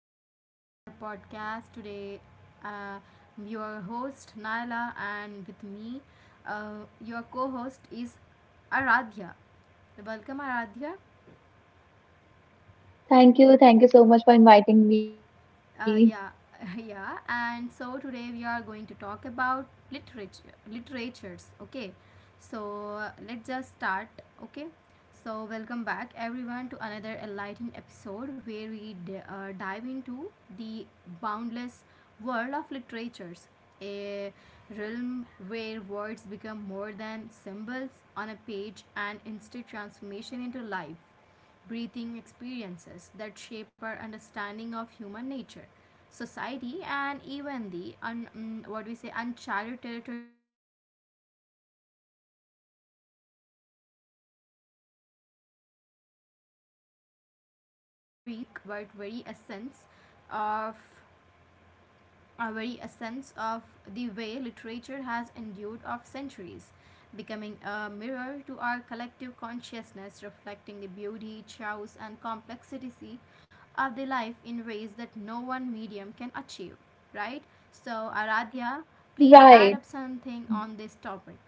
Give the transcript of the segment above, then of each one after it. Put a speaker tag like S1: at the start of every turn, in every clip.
S1: back to our another podcast. Today, uh, your host Naila and with me, your co-host is Aradhya. Welcome Aradhya.
S2: Thank you. Thank you so much for inviting me.
S1: Yeah, yeah. And so today we are going to talk about literature, literatures. Okay, so let's just start. Okay, so welcome back everyone to another enlightening episode where we dive into the boundless world of literatures, a realm where words become more than symbols on a page and instead transformation into life breathing experiences that shape our understanding of human nature, society, and even the what we say uncharted break on a journey that explores not just stories themselves but very essence of our very essence of the way literature has endured of centuries, becoming a mirror to our collective consciousness, reflecting the beauty, chaos, and complexity of the life in ways that no one medium can achieve. Right? So, Aradhya,
S2: Right.
S1: please add up something on this topic.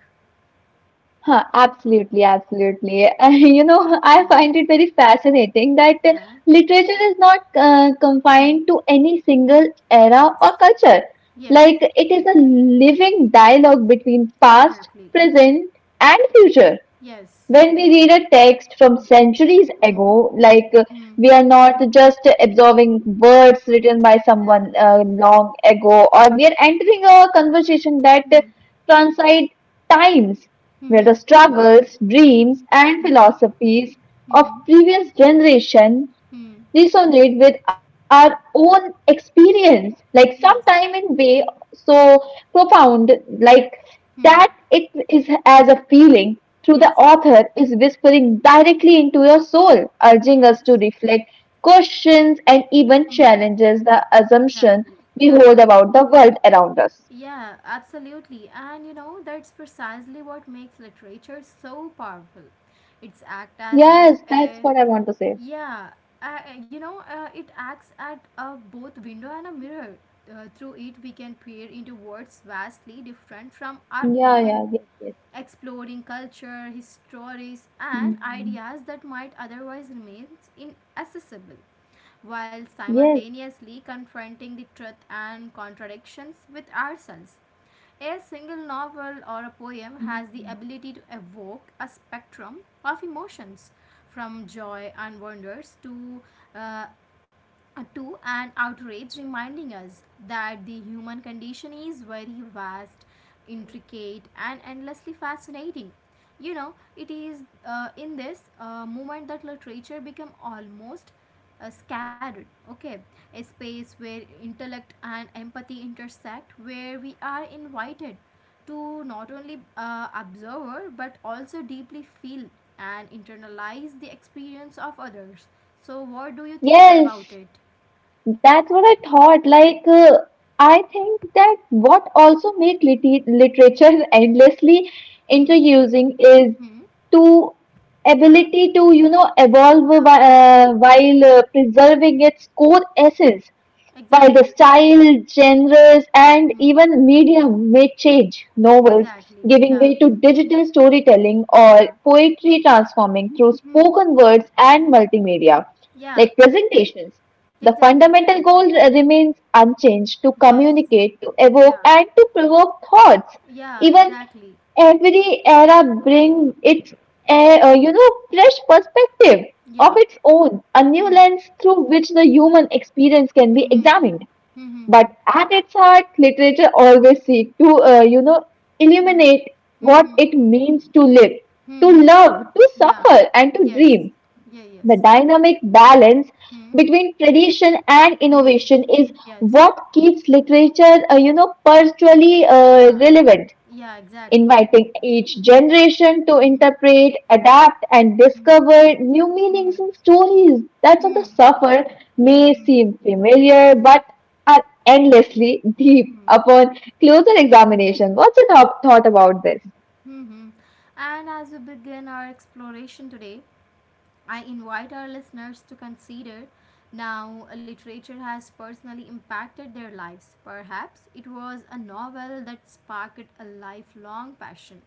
S2: Huh, absolutely, absolutely. And you know, I
S1: Yeah,
S2: find it very fascinating that
S1: yeah.
S2: literature is not
S1: Hmm.
S2: confined to any single era
S1: Yes,
S2: or culture.
S1: yes,
S2: Like, it is a living dialogue between past,
S1: exactly.
S2: present, and future.
S1: Yes.
S2: When we read a text from
S1: Hmm.
S2: centuries
S1: Hmm.
S2: ago, like
S1: Hmm.
S2: we are not just absorbing words written by someone
S1: Exactly.
S2: long ago, or we are entering a conversation that
S1: Hmm.
S2: transcend times, where
S1: Hmm.
S2: the struggles,
S1: Hmm.
S2: dreams, and
S1: Hmm.
S2: philosophies of
S1: Mm-hmm.
S2: previous generation
S1: Hmm.
S2: resonate with our own experience like sometime
S1: Yes.
S2: in way so profound like that
S1: Hmm.
S2: it is as a feeling through the
S1: Yes, yes.
S2: author is whispering directly into your soul urging
S1: Yes.
S2: us to reflect questions and even
S1: Hmm.
S2: challenges the assumption
S1: Exactly.
S2: we
S1: Yeah,
S2: hold
S1: yeah.
S2: about the world around us.
S1: Yeah, absolutely. And you know, that's precisely what makes literature so powerful. It's act as both
S2: Yes, that's
S1: a
S2: what I want to say.
S1: Yeah, it acts at a both window and a mirror. Through it, we can peer into worlds vastly different from our
S2: Yeah, yeah,
S1: own,
S2: yes, yes.
S1: exploring culture, histories, and
S2: Mm.
S1: ideas that might otherwise remain inaccessible, while
S2: Yes.
S1: simultaneously confronting the truth and contradictions with ourselves. A single novel or a poem has the
S2: Mm.
S1: ability to evoke a spectrum of emotions, from joy and wonders uh, to an outrage reminding us that the human condition is very vast, intricate, and endlessly fascinating. You know, it is in this moment that literature become almost scattered. Okay, a space where intellect and empathy intersect, where we are invited to not only observe but also deeply feel and internalize the experience of others. So, what do you think
S2: Yes.
S1: about it?
S2: That's what I thought. Like, I think that what also make literature endlessly
S1: Hmm?
S2: introducing is
S1: Hmm?
S2: to
S1: Yeah,
S2: ability to, you know, evolve
S1: yeah,
S2: while preserving its core essence. While
S1: exactly.
S2: the style, genres, and
S1: Hmm?
S2: even medium may change, novels
S1: Exactly.
S2: giving
S1: Yeah,
S2: way to digital storytelling or
S1: yeah.
S2: poetry transforming through
S1: Hmm.
S2: spoken words and
S1: Hmm.
S2: multimedia,
S1: Yeah,
S2: like presentations. The
S1: exactly.
S2: fundamental goal remains unchanged to
S1: Yes.
S2: communicate, to evoke,
S1: Yeah.
S2: and to provoke thoughts.
S1: Yeah,
S2: Even
S1: exactly.
S2: Every era brings its, you know, fresh perspective of
S1: Yeah.
S2: its own, a new
S1: Hmm.
S2: lens through which the human experience can be
S1: Hmm. Hmm.
S2: examined.
S1: Hmm.
S2: But
S1: Hmm.
S2: at its heart, literature always seeks to, you know,
S1: Hmm.
S2: illuminate
S1: Hmm. Hmm.
S2: what
S1: Hmm.
S2: it means to live, to
S1: hmm. Hmm.
S2: love, to
S1: Yeah.
S2: suffer, and to
S1: Yes.
S2: dream.
S1: Yeah,
S2: The
S1: yes.
S2: dynamic balance
S1: Hmm.
S2: between tradition and
S1: Hmm.
S2: innovation is
S1: Yes.
S2: what keeps literature, you know, perpetually
S1: Yeah.
S2: relevant
S1: Yeah, exactly.
S2: inviting each generation to
S1: Hmm.
S2: interpret, adapt, and
S1: Hmm.
S2: discover new
S1: Hmm.
S2: meanings and stories that on the
S1: Hmm.
S2: surface may
S1: Hmm. Hmm.
S2: seem familiar but are endlessly deep
S1: Hmm.
S2: upon closer
S1: Hmm.
S2: examination. What's your thought about this?
S1: Hmm. Hmm. And as we begin our exploration today, I invite our listeners to consider now literature has personally impacted their lives. Perhaps it was a novel that sparked a lifelong passion,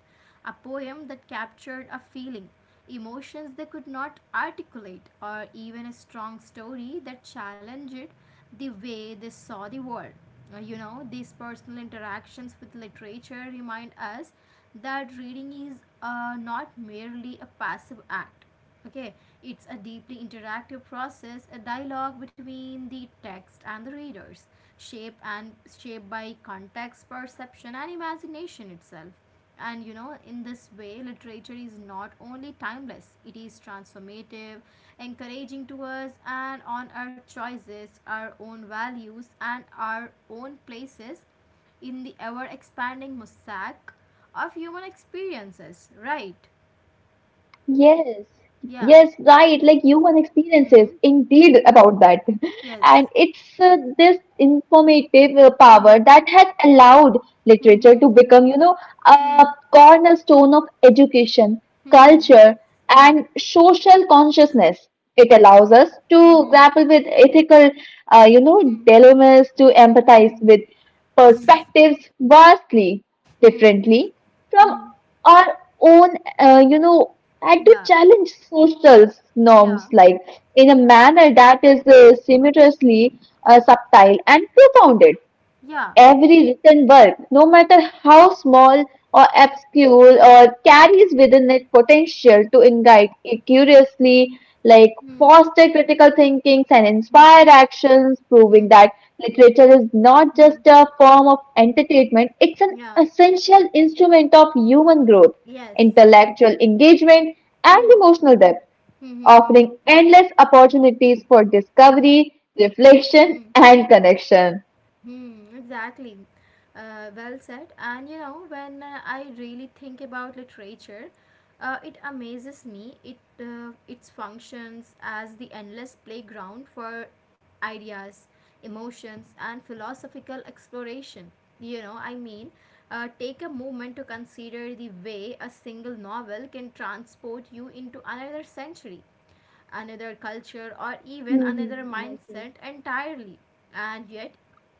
S1: a poem that captured a feeling, emotions they could not articulate, or even a strong story that challenged the way they saw the world. You know, these personal interactions with literature remind us that reading is not merely a passive act. Okay, it's a deeply interactive process, a dialogue between the text and the readers, shaped and shaped by context, perception, and imagination itself. And you know, in this way, literature is not only timeless; it is transformative, encouraging to us and on our choices, our own values, and our own places in the ever-expanding mosaic of human experiences. Right?
S2: Yes, yes,
S1: Yeah.
S2: right. Like human experiences,
S1: Mm-hmm.
S2: indeed, about that.
S1: Yes.
S2: And it's this informative power
S1: Hmm.
S2: that has allowed
S1: Hmm.
S2: literature to
S1: Hmm.
S2: become, you know, a
S1: Hmm.
S2: cornerstone of education,
S1: Hmm.
S2: culture,
S1: Hmm.
S2: and social consciousness. It
S1: Hmm.
S2: allows us to
S1: Hmm.
S2: grapple with ethical, you know,
S1: Hmm.
S2: dilemmas, to
S1: Hmm.
S2: empathize
S1: Hmm.
S2: with
S1: Hmm.
S2: perspectives vastly
S1: Hmm.
S2: differently from
S1: Hmm.
S2: our own, you know, had to
S1: Yeah,
S2: challenge social
S1: yeah,
S2: norms like in a
S1: yeah,
S2: manner that is seamlessly subtle and profound.
S1: yeah.
S2: Every written work, no matter how small or obscure, or carries within it potential to
S1: Hmm,
S2: engage it curiously, like
S1: hmm,
S2: foster critical thinkings and
S1: hmm,
S2: inspire actions,
S1: hmm,
S2: proving that literature is not
S1: hmm.
S2: just a form of entertainment, it's an
S1: Yeah,
S2: essential instrument of human growth,
S1: yes.
S2: intellectual engagement, and
S1: Hmm,
S2: emotional depth,
S1: hmm, hmm,
S2: offering endless opportunities for
S1: hmm,
S2: discovery,
S1: hmm, hmm.
S2: reflection, and connection.
S1: Hmm, exactly. Well said. And you know, when I really think about literature, it amazes me. It functions as the endless playground for ideas, emotions, and philosophical exploration. You know, I mean, take a moment to consider the way a single novel can transport you into another century another culture, or even another
S2: Mhm. Yes, yes.
S1: mindset entirely. And yet,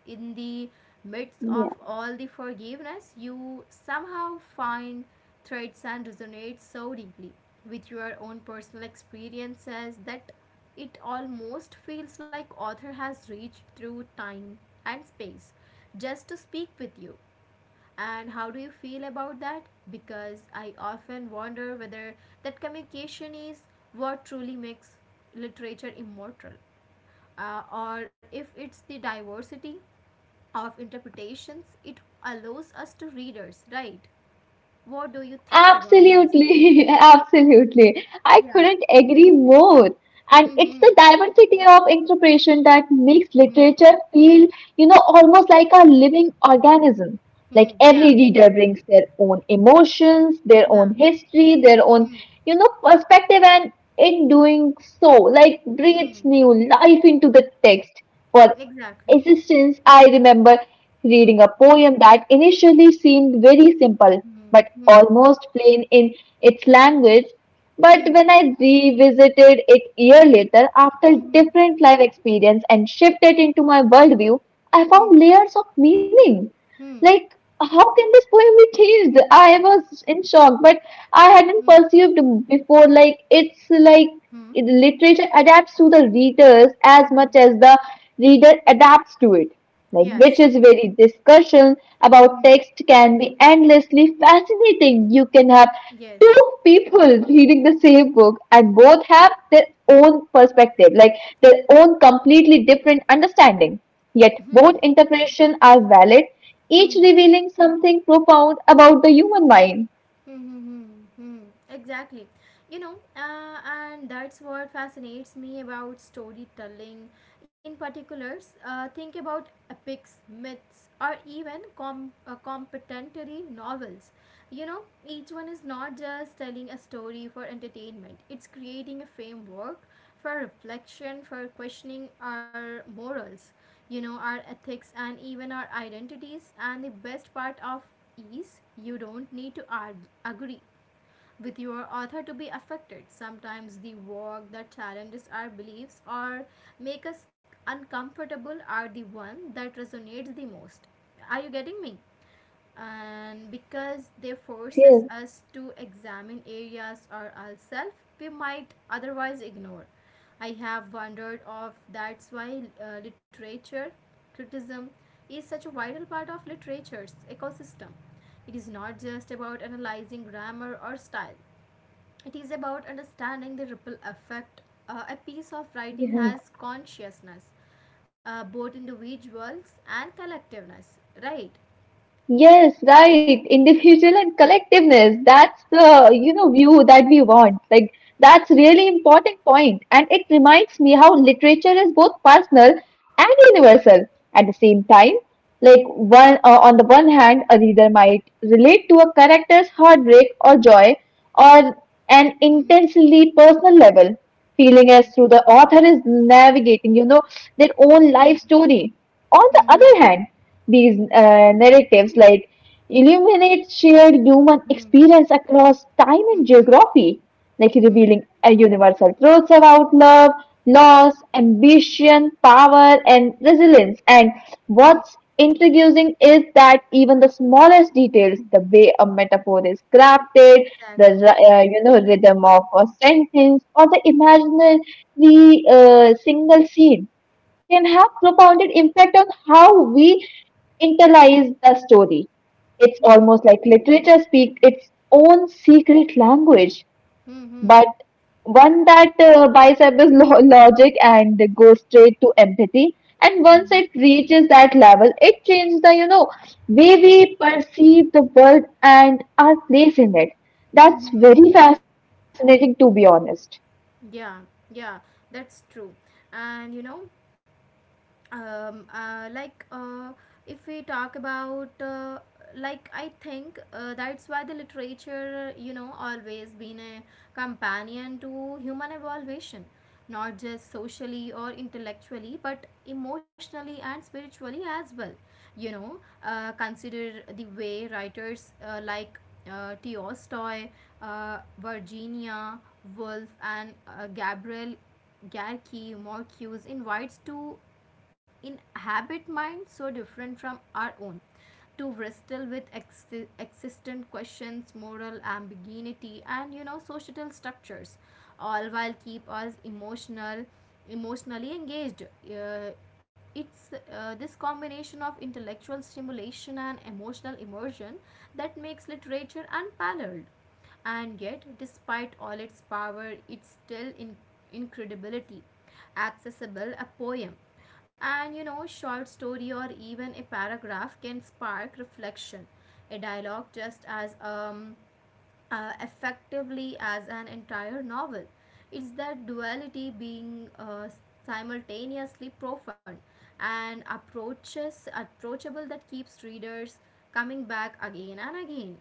S1: in the midst
S2: Yeah,
S1: of all the forgiveness, you somehow find threads and resonate so deeply with your own personal experiences that it almost feels like author has reached through time and space just to speak with you and how do you feel about that? Because I often wonder whether that communication is what truly makes literature immortal, or if it's the diversity of interpretations it allows us to readers, right? What do you think about this?
S2: absolutely, absolutely. I
S1: Yeah.
S2: couldn't agree more. And it's
S1: Hmm.
S2: the diversity of interpretation that makes
S1: Hmm.
S2: literature feel, you know, almost like a living organism. Like
S1: Hmm. Yeah.
S2: every reader brings their own emotions, their
S1: Yeah.
S2: own history, their own,
S1: Hmm.
S2: you know, perspective, and in doing so, like breathes
S1: Hmm.
S2: new life into the text.
S1: Exactly.
S2: Existence. I remember
S1: Hmm.
S2: reading a poem that initially seemed very simple,
S1: Hmm.
S2: but
S1: Hmm.
S2: almost plain in its language. But
S1: Hmm.
S2: when I revisited it year
S1: Hmm.
S2: later, after
S1: Hmm. Hmm.
S2: different life experience and shifted into my worldview, I
S1: Hmm.
S2: found layers of meaning.
S1: Hmm.
S2: Like, how can this poem be changed? I was in shock, but I hadn't
S1: Hmm.
S2: perceived before. Like, it's like
S1: Hmm.
S2: literature adapts to the readers as much
S1: Hmm.
S2: as the reader adapts to it like
S1: Yes.
S2: which is very discussion about
S1: Hmm.
S2: text can be endlessly fascinating. You can have two
S1: Yes.
S2: people reading the same book and both have their own perspective, like their own completely different understanding. Yet
S1: Hmm. Hmm.
S2: both interpretations are valid, each
S1: Hmm.
S2: revealing something profound about the human mind.
S1: Hmm. Hmm. hmm. Exactly. You know, and that's what fascinates me about storytelling in particulars. Think about epics, myths, or even complementary novels. You know, each one is not just telling a story for entertainment, it's creating a framework for reflection, for questioning our morals, our ethics and even our identities. And the best part of is you don't need to argue, agree with your author to be affected. Sometimes the work that challenges our beliefs or make us uncomfortable are the one that resonates the most. Are you getting me? And because they
S2: Yes,
S1: forces
S2: yes,
S1: us to examine areas or ourselves we might otherwise ignore. I have wondered of that's why literature criticism is such a vital part of literature's ecosystem. It is not just about analyzing grammar or style, it is about understanding the ripple effect a piece of writing
S2: yes.
S1: has consciousness, both individuals and collectiveness, right?
S2: Yes, right. Individual and collectiveness. That's the, you know, view that we want. Like, that's really important point. And it reminds me how literature is both personal and universal at the same time. Like one on the one hand, a reader might relate to a character's heartbreak or joy on an
S1: Hmm.
S2: intensely personal level, feeling as
S1: Hmm.
S2: though the author is navigating, you know, their own
S1: Hmm.
S2: life story. On the
S1: Hmm.
S2: other hand, these narratives like illuminates shared human
S1: Hmm.
S2: experience across time and
S1: Hmm.
S2: geography, like
S1: Hmm.
S2: revealing a universal truths about love, loss, ambition, power, and resilience. And
S1: Hmm.
S2: what's intriguing is that even the smallest details, the way a metaphor is crafted,
S1: Exactly.
S2: the you know rhythm of a sentence, or the imaginary single scene can have profounded impact on how we internalize the story. It's
S1: Hmm.
S2: almost like literature speaks its own secret language,
S1: Hmm.
S2: but one that bypasses logic and goes straight to empathy. And
S1: Hmm.
S2: once it reaches that level, it changes the way we perceive the world and our place in it. That's
S1: Hmm.
S2: very fascinating, to be honest.
S1: Yeah, yeah, that's true. And you know, um, uh, like uh, if we talk about like I think that's why the literature you know always been a companion to human evolution, not just socially or intellectually but emotionally and spiritually as well. You know, consider the way writers like Tolstoy, Virginia Woolf, and Gabriel Garki Marcuse invites to inhabit minds so different from our own, to wrestle with existent questions, moral ambiguity, and societal structures, all while keep us emotionally engaged. Uh, it's this combination of intellectual stimulation and emotional immersion that makes literature unparalleled. And yet, despite all its power, it's still incredibility, accessible, a poem. And you know, short story or even a paragraph can spark reflection. A dialogue just as effectively as an entire novel. It's that duality being simultaneously profound and approaches approachable that keeps readers coming back again and again.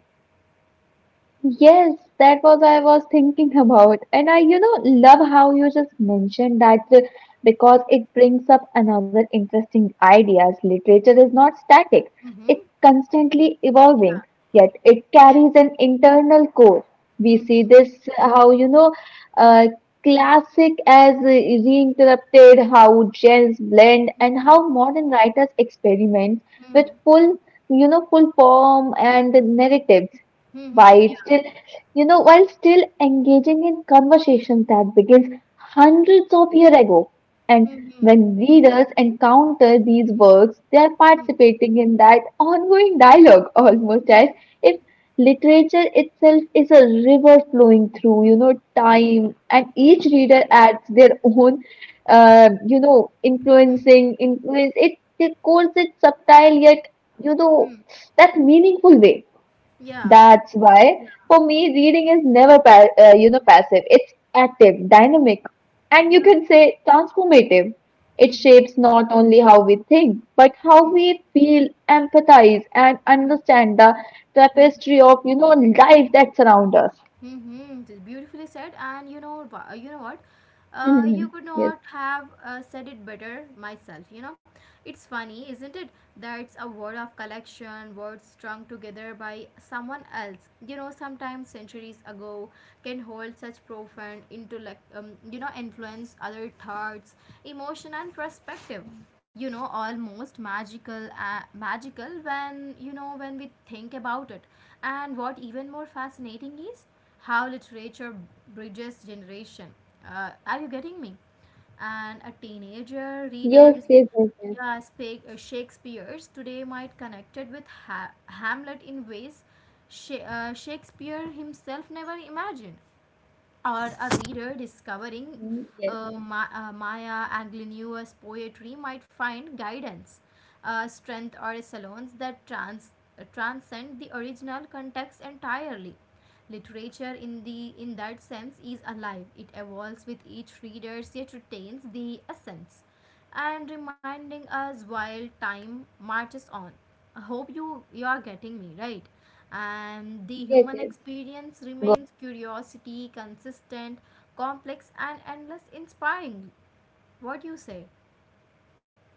S2: Yes, that was I was thinking about. And I, you know, love how you just mentioned that because it brings up another interesting ideas. Literature is not static.
S1: Mm-hmm.
S2: It's constantly evolving, yet it
S1: Yeah. Yes.
S2: carries an internal core. We
S1: Mhm,
S2: see this how, you know,
S1: mhm,
S2: uh, classic as reinterrupted, how genres blend, and
S1: mhm,
S2: how modern writers experiment
S1: mhm,
S2: with full form and narratives
S1: mhm,
S2: while
S1: yeah.
S2: still while still engaging in conversations that begins hundreds of years ago. And
S1: Mhm,
S2: when readers encounter these works they are
S1: mhm,
S2: participating in that ongoing dialogue almost
S1: mhm,
S2: as if literature itself is a river flowing through
S1: mhm,
S2: time and
S1: mhm,
S2: each reader adds their own you know
S1: mhm,
S2: influencing influence it, calls it subtle yet you know
S1: mhm.
S2: that meaningful way.
S1: Yeah,
S2: That's
S1: yeah,
S2: why, for me, reading is never pa you know
S1: yeah,
S2: passive. It's active, dynamic, and you
S1: yeah.
S2: can say transformative. It
S1: Mhm,
S2: shapes not only how we think, but how
S1: mhm,
S2: we feel, empathize, and
S1: mhm,
S2: understand the
S1: mhm,
S2: tapestry of life
S1: mhm,
S2: that surround us.
S1: Mm-hmm. Beautifully said. And you know, you know what? You
S2: Mhm.
S1: could
S2: Yes.
S1: not have said it better myself. You know, it's funny, isn't it? That's a word of collection, words strung together by someone else. You know, sometimes centuries ago can hold such profound intellect, influence other thoughts, emotion, and perspective. You know, almost magical when you know when we think about it. And what even more fascinating is how literature bridges generation. Are you getting me? And a teenager
S2: Yes,
S1: readers,
S2: yes, yes, yes.
S1: yeah, Shakespeare's today might connected with Hamlet in ways Shakespeare himself never imagined, or a reader discovering
S2: Mhm. Yes,
S1: Maya Angelino's poetry might find guidance, strength, or salons that transcend the original context entirely. Literature, in the in that sense, is alive. It evolves with each reader, yet retains the essence, and reminding us while time marches on. I hope you are getting me right and the
S2: yes,
S1: human
S2: yes.
S1: experience
S2: Go
S1: remains curiosity, consistent, complex, and endless inspiring. What do you say?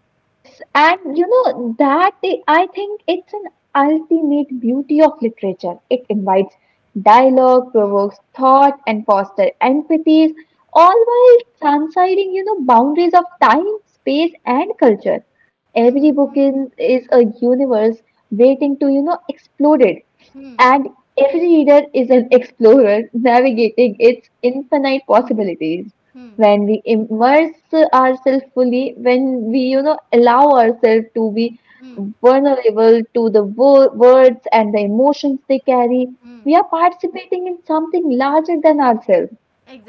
S2: Yes, and you know that I think it's an ultimate beauty of literature. It invites dialogue,
S1: Mhm.
S2: provokes thought, and fosters empathy, all while transcending, you know, boundaries of
S1: Hmm.
S2: time, space, and culture.
S1: Hmm.
S2: Every book is a universe waiting to, you know, exploded,
S1: Hmm.
S2: and every reader is an explorer
S1: Hmm.
S2: navigating its infinite possibilities
S1: Hmm.
S2: when we immerse ourselves fully, when we, you know, allow ourselves to be
S1: Hmm.
S2: vulnerable to the words and the emotions they carry,
S1: Hmm.
S2: we are participating in something larger than ourselves,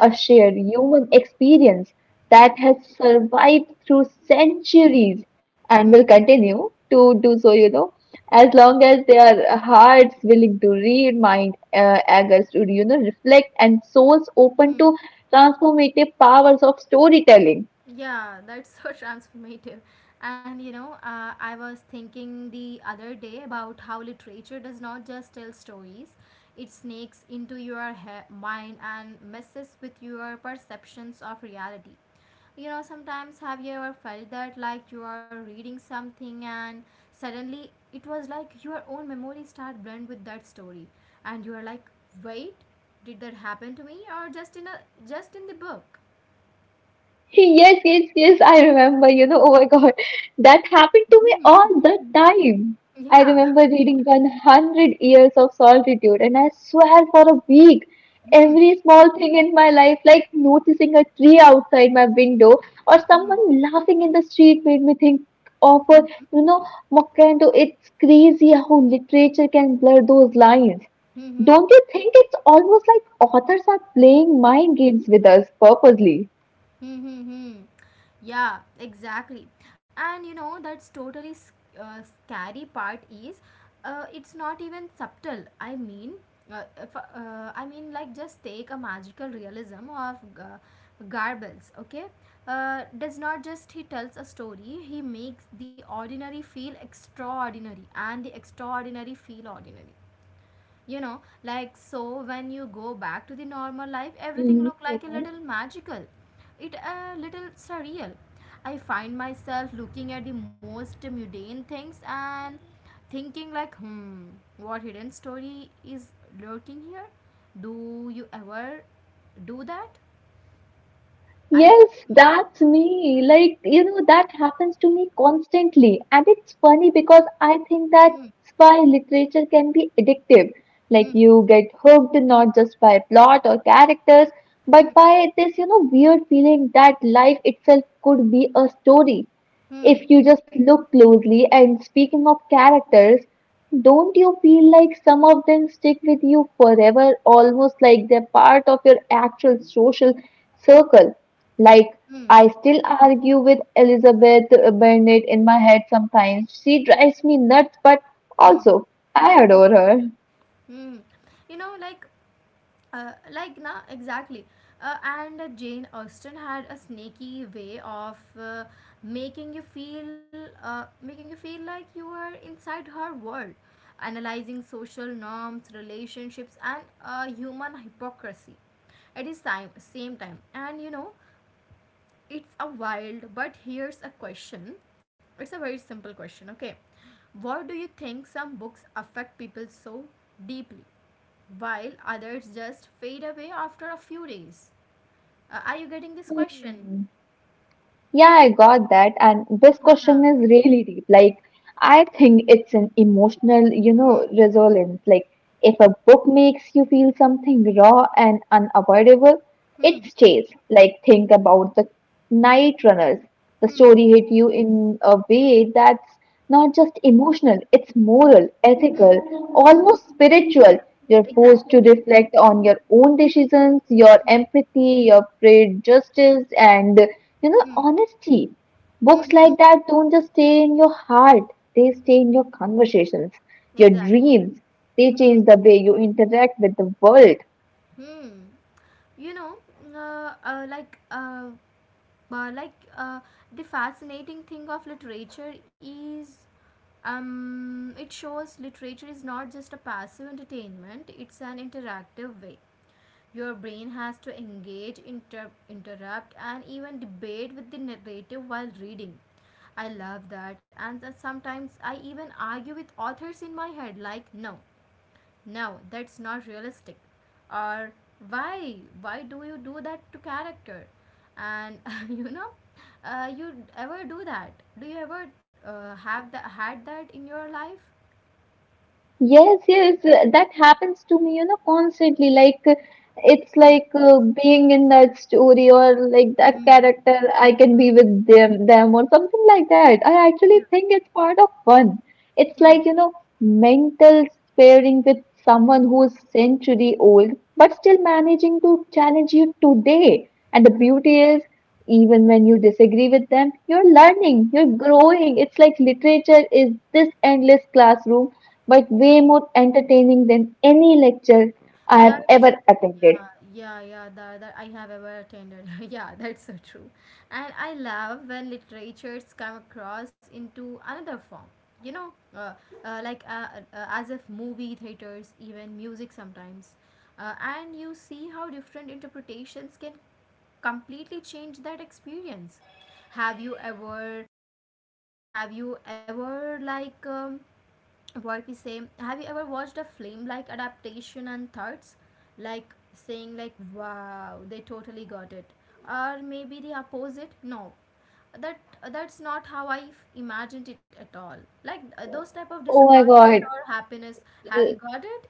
S2: a shared human experience
S1: Hmm.
S2: that has survived through centuries and will
S1: Hmm.
S2: continue to do so, you know, as
S1: Hmm.
S2: long as their hearts willing to read, mind eagers to, you know, reflect, and souls open
S1: Hmm.
S2: to transformative powers of storytelling.
S1: Yeah, that's so transformative. And you know, I was thinking the other day about how literature does not just tell stories, it snakes into your mind and messes with your perceptions of reality. You know, sometimes have you ever felt that like you are reading something and suddenly it was like your own memory start blend with that story and you are like, "Wait, did that happen to me or just in the book?"
S2: Yes, yes, yes, I remember, you know, oh my God, that happened to
S1: Hmm.
S2: me all the time. I
S1: Yeah.
S2: remember reading 100 Years of Solitude, and I swear for a week,
S1: Hmm.
S2: every small thing in my life, like noticing a tree outside my window or
S1: Hmm.
S2: someone laughing in the street, made me think of,
S1: Hmm.
S2: you know, Mokkendo. It's crazy how literature can blur those lines.
S1: Hmm. Hmm.
S2: Don't you think it's almost like authors are playing mind games with us purposely?
S1: Hmm. Hmm. hmm. Yeah, exactly. And you know, that's totally scary part is it's not even subtle. I mean, if, I mean, like, just take a magical realism of Garbles, okay? Does not just he tells a story, he makes the ordinary feel extraordinary and the extraordinary feel ordinary. You know, like, so when you go back to the normal life everything look like a
S2: Hmm.
S1: little magical, it a little surreal. I find myself looking at the most mundane things and thinking like, hmm, what hidden story is lurking here? Do you ever do that? Are you
S2: Yes,
S1: getting me?
S2: that's me. Like, you know, that happens to me constantly. And it's funny because I think that's
S1: Hmm.
S2: why literature can be addictive. Like,
S1: Hmm.
S2: you get hooked not just by plot or characters, but by this, you know, weird feeling that life itself could be a story.
S1: Hmm.
S2: If you just look closely, and speaking of characters, don't you feel like some of them stick with you forever, almost like they're part of your actual social circle? Like,
S1: Hmm. Hmm.
S2: I still argue with Elizabeth Bennet in my head sometimes. She drives me nuts, but
S1: Hmm.
S2: also I
S1: Hmm.
S2: adore
S1: Hmm.
S2: her.
S1: Hmm. you know like na exactly And Jane Austen had a sneaky way of making you feel like you were inside her world, analyzing social norms, relationships, and human hypocrisy at the same time. And you know, it's a wild, but here's a question. It's a very simple question, okay? What do you think some books affect people so deeply while others just fade away after a few days? Are you getting this question?
S2: Hmm. Yeah, I got that. And this
S1: Yeah.
S2: question is really deep. Like, I think it's an emotional, you
S1: Hmm.
S2: know, resonance. Like, if a book makes you feel something raw and unavoidable,
S1: Hmm.
S2: it stays. Like, think about the Night Runners. The
S1: Hmm.
S2: story hit you in a way that Not just emotional, it's
S1: Hmm.
S2: moral, ethical,
S1: Hmm. Hmm.
S2: almost spiritual. You're forced to
S1: Exactly.
S2: reflect on your own decisions, your
S1: Hmm.
S2: empathy, your prejudices, and you know,
S1: Hmm.
S2: honesty.
S1: Hmm.
S2: Books
S1: Hmm.
S2: like that don't just stay in your heart, they stay in your conversations, your
S1: Exactly.
S2: dreams. They
S1: Hmm.
S2: change the way you interact with the world.
S1: Hmm. You know, uh, uh, like, uh, uh, like uh, the fascinating thing of literature is, it shows literature is not just a passive entertainment, it's an interactive way. Your brain has to engage, interrupt, and even debate with the narrative while reading. I love that, and sometimes I even argue with authors in my head, like, no, no, that's not realistic, or why do you do that to character? And you know, you ever do that? Do you ever have that had that in your life?
S2: Yes, yes, that happens to me, you know, constantly. Like, it's
S1: Hmm,
S2: like being in that story or like that
S1: hmm,
S2: character, I can
S1: hmm,
S2: be with them or something like that. I
S1: yes,
S2: actually think it's part of fun. It's
S1: hmm,
S2: like, you know, mental sparring with someone who's century old, but still managing to challenge you today. And the beauty is, even when you disagree with them, you're
S1: hmm,
S2: learning, you're growing. It's like literature is this endless classroom, but
S1: hmm.
S2: way more entertaining than any lecture I have
S1: That's
S2: ever attended.
S1: yeah, yeah, yeah. That I have ever attended. Yeah, that's so true. And I love when literatures come across into another form. You know, uh, as if movie theaters, even music sometimes. And you see how different interpretations can completely change that experience. Have you ever have you ever like what we say? have you ever watched a film like adaptation and thoughts, like saying like, wow, they totally got it, or maybe the opposite? No, that that's not how I imagined it at all. Like those type of
S2: Oh my
S1: disappointment
S2: God,
S1: or happiness. Have you got it?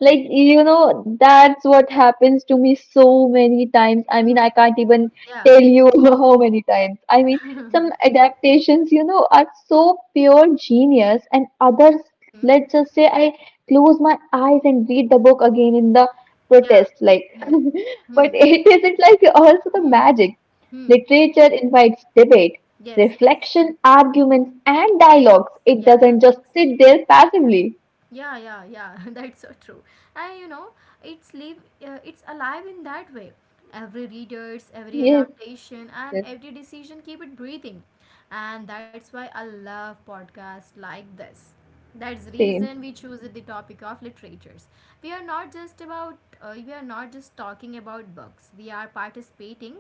S2: like, you know, that's what happens to me so many times. I mean,
S1: Mm,
S2: I can't even
S1: yeah.
S2: tell you how many times. I mean, some adaptations, you know, are so pure genius, and others,
S1: Mm,
S2: let's just say, I close my eyes and read the book again in the
S1: yeah.
S2: protest, like,
S1: Mm,
S2: but
S1: mm,
S2: it isn't like also the
S1: mm,
S2: magic.
S1: mm.
S2: Literature invites debate,
S1: Yes. Yes.
S2: reflection, arguments, and
S1: Dialogues.
S2: dialogues. It
S1: Yeah.
S2: doesn't just
S1: Dialogues.
S2: sit there passively.
S1: Yeah, yeah, yeah. That's so true. And you know, it's live, it's alive in that way. Every readers, every
S2: Yes,
S1: adaptation, and
S2: yes,
S1: every decision keep it breathing. And that's why I love podcasts like this. That's
S2: same.
S1: reason we choose it, the topic of literatures. We are not just talking about books, we are participating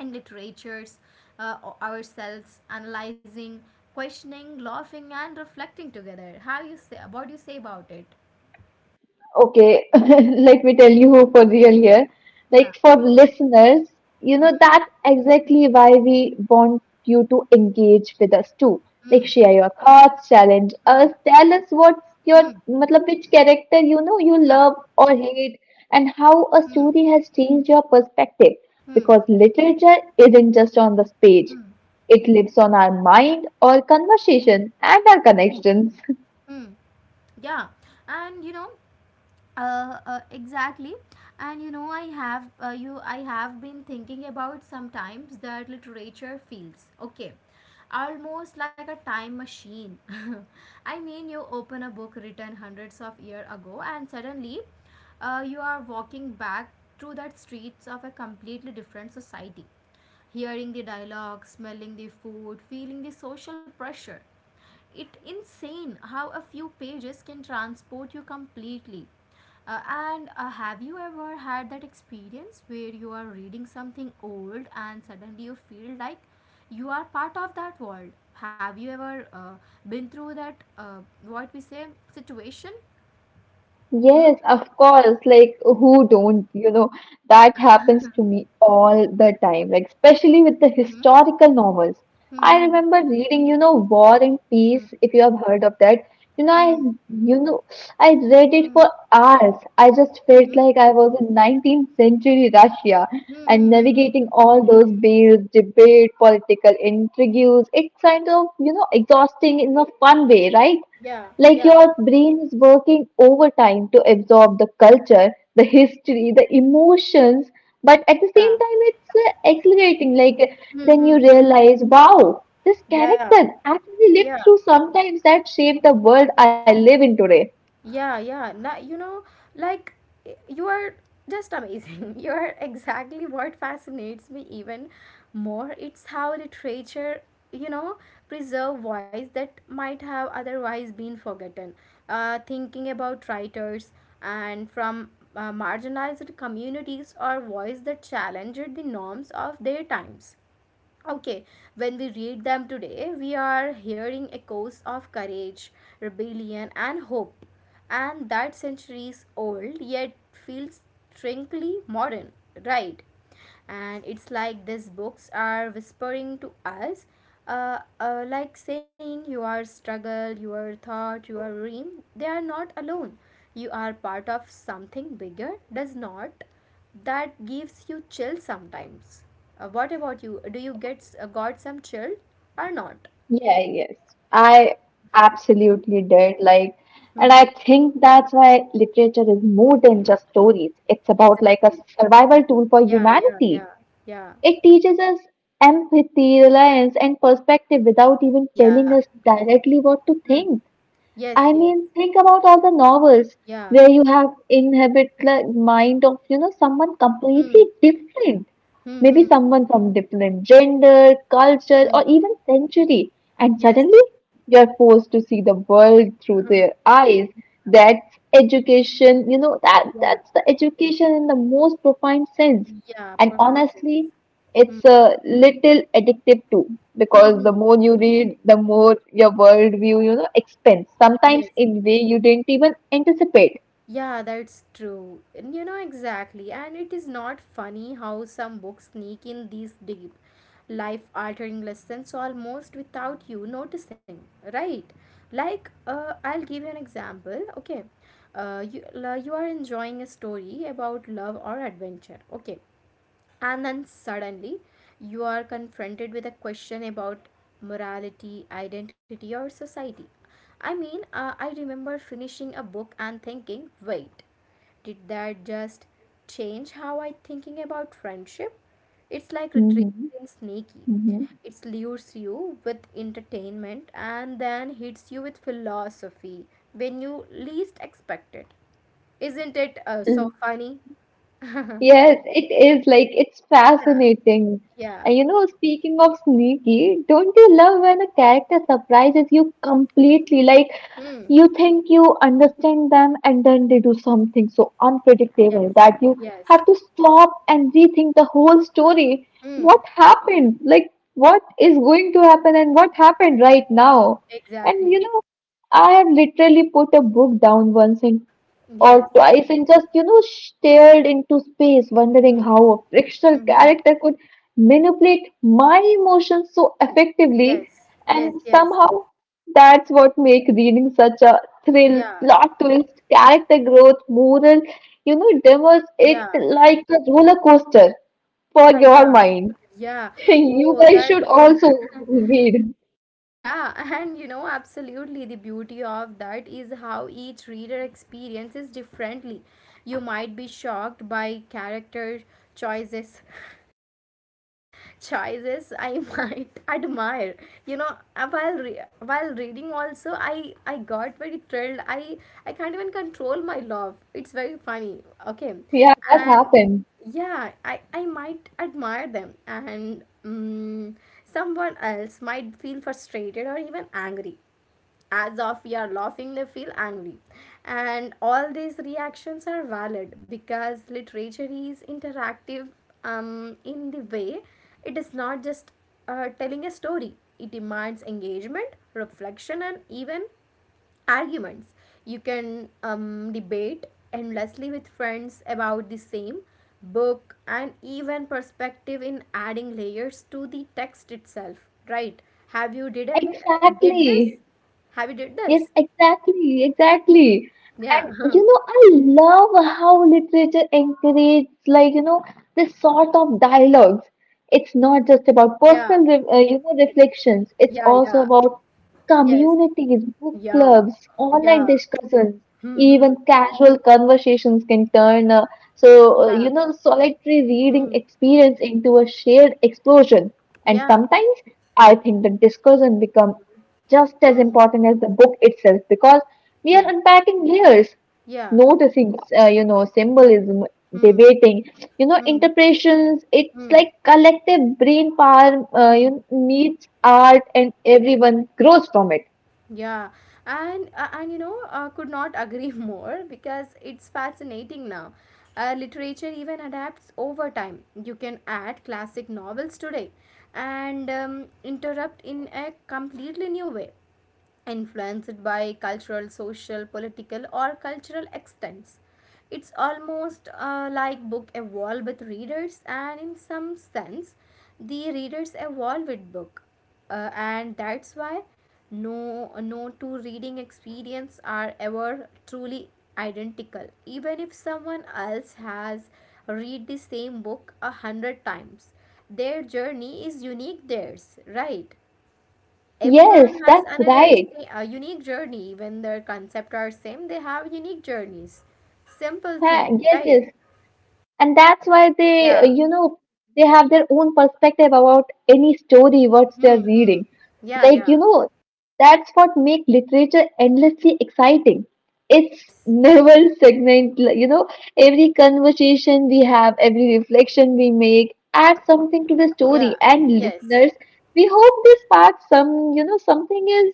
S1: in literatures, ourselves, analyzing, questioning, laughing, and reflecting together. How you say? What do you say about it?
S2: Okay, let me tell
S1: Hmm.
S2: you for real here.
S1: Yeah.
S2: Like for listeners, you know,
S1: Hmm.
S2: that's exactly why we want you to engage with us too.
S1: Hmm.
S2: Like share your thoughts, challenge
S1: Hmm.
S2: us, tell us what's your,
S1: Hmm.
S2: matlab, which character you know you
S1: Yeah.
S2: love or hate, and how a
S1: Hmm.
S2: story has changed your perspective.
S1: Hmm.
S2: Because literature isn't just on the page,
S1: Hmm.
S2: it lives on our mind, our conversation, and our connections.
S1: Hmm. Yeah. And you know, exactly. And you know, I have you I have been thinking about sometimes that literature feels, okay, almost like a time machine. I mean, you open a book written hundreds of years ago and suddenly you are walking back through the streets of a completely different society, hearing the dialogue, smelling the food, feeling the social pressure. It's insane how a few pages can transport you completely. And have you ever had that experience where you are reading something old and suddenly you feel like you are part of that world? Have you ever been through that, uh, what we say, situation? Hmm.
S2: Yes, of course. Like, who don't, you know,
S1: Yeah.
S2: that happens to me all the time, like, especially with the
S1: Hmm.
S2: historical novels.
S1: Hmm.
S2: I
S1: Hmm.
S2: remember reading, you know, War and Peace,
S1: Hmm.
S2: if you have heard of that. You know,
S1: Hmm.
S2: you know, I read it
S1: Hmm.
S2: for hours. I just felt
S1: Hmm.
S2: like I was in 19th century Russia
S1: Hmm.
S2: and
S1: Hmm.
S2: navigating all those bills, debate, political intrigues. It's kind of, you know, exhausting in a fun way, right?
S1: Yeah.
S2: Like
S1: Yeah.
S2: your brain is working overtime to absorb the culture, the history, the emotions, but at the
S1: Yeah.
S2: same time, it's exhilarating. Like
S1: Hmm.
S2: then
S1: Hmm.
S2: you
S1: Hmm.
S2: realize, wow, this
S1: Yeah,
S2: character actually
S1: yeah,
S2: lived through sometimes that shaped the world I live in today.
S1: yeah, yeah. Now, you know, like, you are just amazing. You are exactly what fascinates me even more. It's how literature, you know, preserve voice that might have otherwise been forgotten. Thinking about writers and from marginalized communities or voice that challenged the norms of their times. Okay, when we read them today, we are hearing echoes of courage, rebellion, and hope, and that centuries old yet feels strangely modern, right? And it's like these books are whispering to us, like saying your struggle, your thought, your dream, they are not alone. You are part of something bigger, does not that gives you chill sometimes. What about you? Do you get got some chill or not?
S2: Yeah, yes, I
S1: Hmm?
S2: absolutely did. Like, and
S1: Mm-hmm.
S2: I think that's why literature is more than just stories. It's about like a
S1: Exactly.
S2: survival tool for
S1: Yeah, yeah, yeah,
S2: humanity.
S1: yeah,
S2: It teaches us empathy, reliance, and perspective without even
S1: yeah.
S2: telling us directly what to
S1: Mm.
S2: think.
S1: Yes,
S2: I
S1: yes,
S2: mean, think about all the novels
S1: yeah.
S2: where you have inhabit the mind of you know someone completely
S1: Mm.
S2: different, maybe
S1: Mm-hmm.
S2: someone from different gender, culture,
S1: Mm.
S2: or even century, and
S1: Yes.
S2: suddenly you're forced to see the world through
S1: Hmm.
S2: their eyes. That's education, you know that
S1: Yeah,
S2: that's the education in the most profound sense.
S1: yeah,
S2: And
S1: preferences.
S2: honestly,
S1: Hmm.
S2: it's a little addictive too, because the
S1: Mm-hmm.
S2: more you read, the more your worldview, you know, expands.
S1: Yes.
S2: Sometimes in way you didn't even anticipate.
S1: Yeah, that's true. And you know exactly. And it is not funny how some books sneak in these deep, life altering lessons almost without you noticing, right? Like, I'll give you an example. Okay. You, you are enjoying a story about love or adventure. Okay. And then suddenly, you are confronted with a question about morality, identity, or society. I mean, I remember finishing a book and thinking, wait, did that just change how I thinking about friendship? It's like
S2: hmm
S1: retrieving sneaky.
S2: hmm
S1: It lures you with entertainment and then hits you with philosophy when you least expect it. Isn't it so funny?
S2: Yes, it is like it's fascinating.
S1: Yeah.
S2: And you know, speaking of sneaky, don't you love when a character surprises you completely? Like
S1: Hmm.
S2: you think you understand them, and then they do something so
S1: Yes,
S2: unpredictable that you have
S1: yes.
S2: to stop and rethink the whole story. What
S1: Mm,
S2: happened? Like, what is going to happen, and what happened right now? And
S1: exactly.
S2: you know, I have literally put a book down once and
S1: Yes.
S2: or twice and just, you know, stared into space, wondering
S1: Mm,
S2: how a fictional
S1: mm-hmm.
S2: character could manipulate my emotions so effectively.
S1: Yes, yes,
S2: And
S1: yes.
S2: somehow that's what makes reading such a thrill,
S1: Yeah,
S2: plot twist, character growth, moral, you know, demos it
S1: yeah,
S2: like a roller coaster for
S1: yeah, yeah,
S2: your mind.
S1: yeah.
S2: You
S1: Oh,
S2: guys
S1: that,
S2: should also read.
S1: yeah. And you know, absolutely, the beauty of that is how each reader experiences differently. You might be shocked by character choices, choices I might admire. You know, while reading also, I got very thrilled. I can't even control my love. It's very funny. Okay,
S2: Yeah, that
S1: and
S2: happened.
S1: yeah, I might admire them, and mm, someone else might feel frustrated or even angry, as of we are laughing they feel angry. And all these reactions are valid because literature is interactive, in the way. It is not just telling a story, it demands engagement, reflection, and even arguments. You can debate endlessly with friends about the same book, and even perspective in adding layers to the text itself, right? have you did any, did this,
S2: Exactly.
S1: have you did
S2: Yes,
S1: this?
S2: exactly, exactly.
S1: Yeah,
S2: And
S1: huh,
S2: you know, I love how literature encourages, like, you know, this sort of dialogues. It's not just about
S1: yeah,
S2: personal, re you know, reflections. It's
S1: yeah,
S2: also
S1: yeah,
S2: about
S1: yes,
S2: communities, book
S1: yeah,
S2: clubs, online
S1: yeah,
S2: discussions,
S1: hmm, hmm,
S2: even casual conversations can turn so,
S1: yeah,
S2: you know, solitary reading
S1: hmm,
S2: experience into a shared explosion. And
S1: yeah,
S2: sometimes I think the discussion become just as
S1: hmm,
S2: important as the book itself because we are
S1: yeah,
S2: unpacking layers
S1: yeah,
S2: noticing you know symbolism
S1: hmm,
S2: debating you know
S1: hmm,
S2: interpretations. It's
S1: hmm,
S2: like collective brain power you
S1: hmm,
S2: know, needs art and everyone grows from it.
S1: yeah. And you know, could not agree more, because it's fascinating now. Literature even adapts over time. You can add classic novels today and interrupt in a completely new way, influenced by cultural, social, political, or cultural extents. It's almost like book evolve with readers, and in some sense, the readers evolve with book, and that's why no two reading experience are ever truly identical. Even if someone else has read the same book a hundred times, their journey is unique theirs, right? Everyone
S2: Yes,
S1: has
S2: that's
S1: another
S2: right.
S1: a unique journey, even their concept are same, they have unique journeys. Simple
S2: Ha,
S1: thing,
S2: yes,
S1: right?
S2: yes, and that's why they
S1: Yeah,
S2: you know, they have their own perspective about any story what they're
S1: hmm, hmm,
S2: reading.
S1: yeah,
S2: Like,
S1: yeah,
S2: you know, that's what makes literature endlessly exciting. It's
S1: yes,
S2: never stagnant, like, you know, every conversation we have, every reflection we make
S1: yeah,
S2: adds something to the story,
S1: yeah,
S2: and
S1: yes,
S2: listeners, we hope this sparks some, you know, something is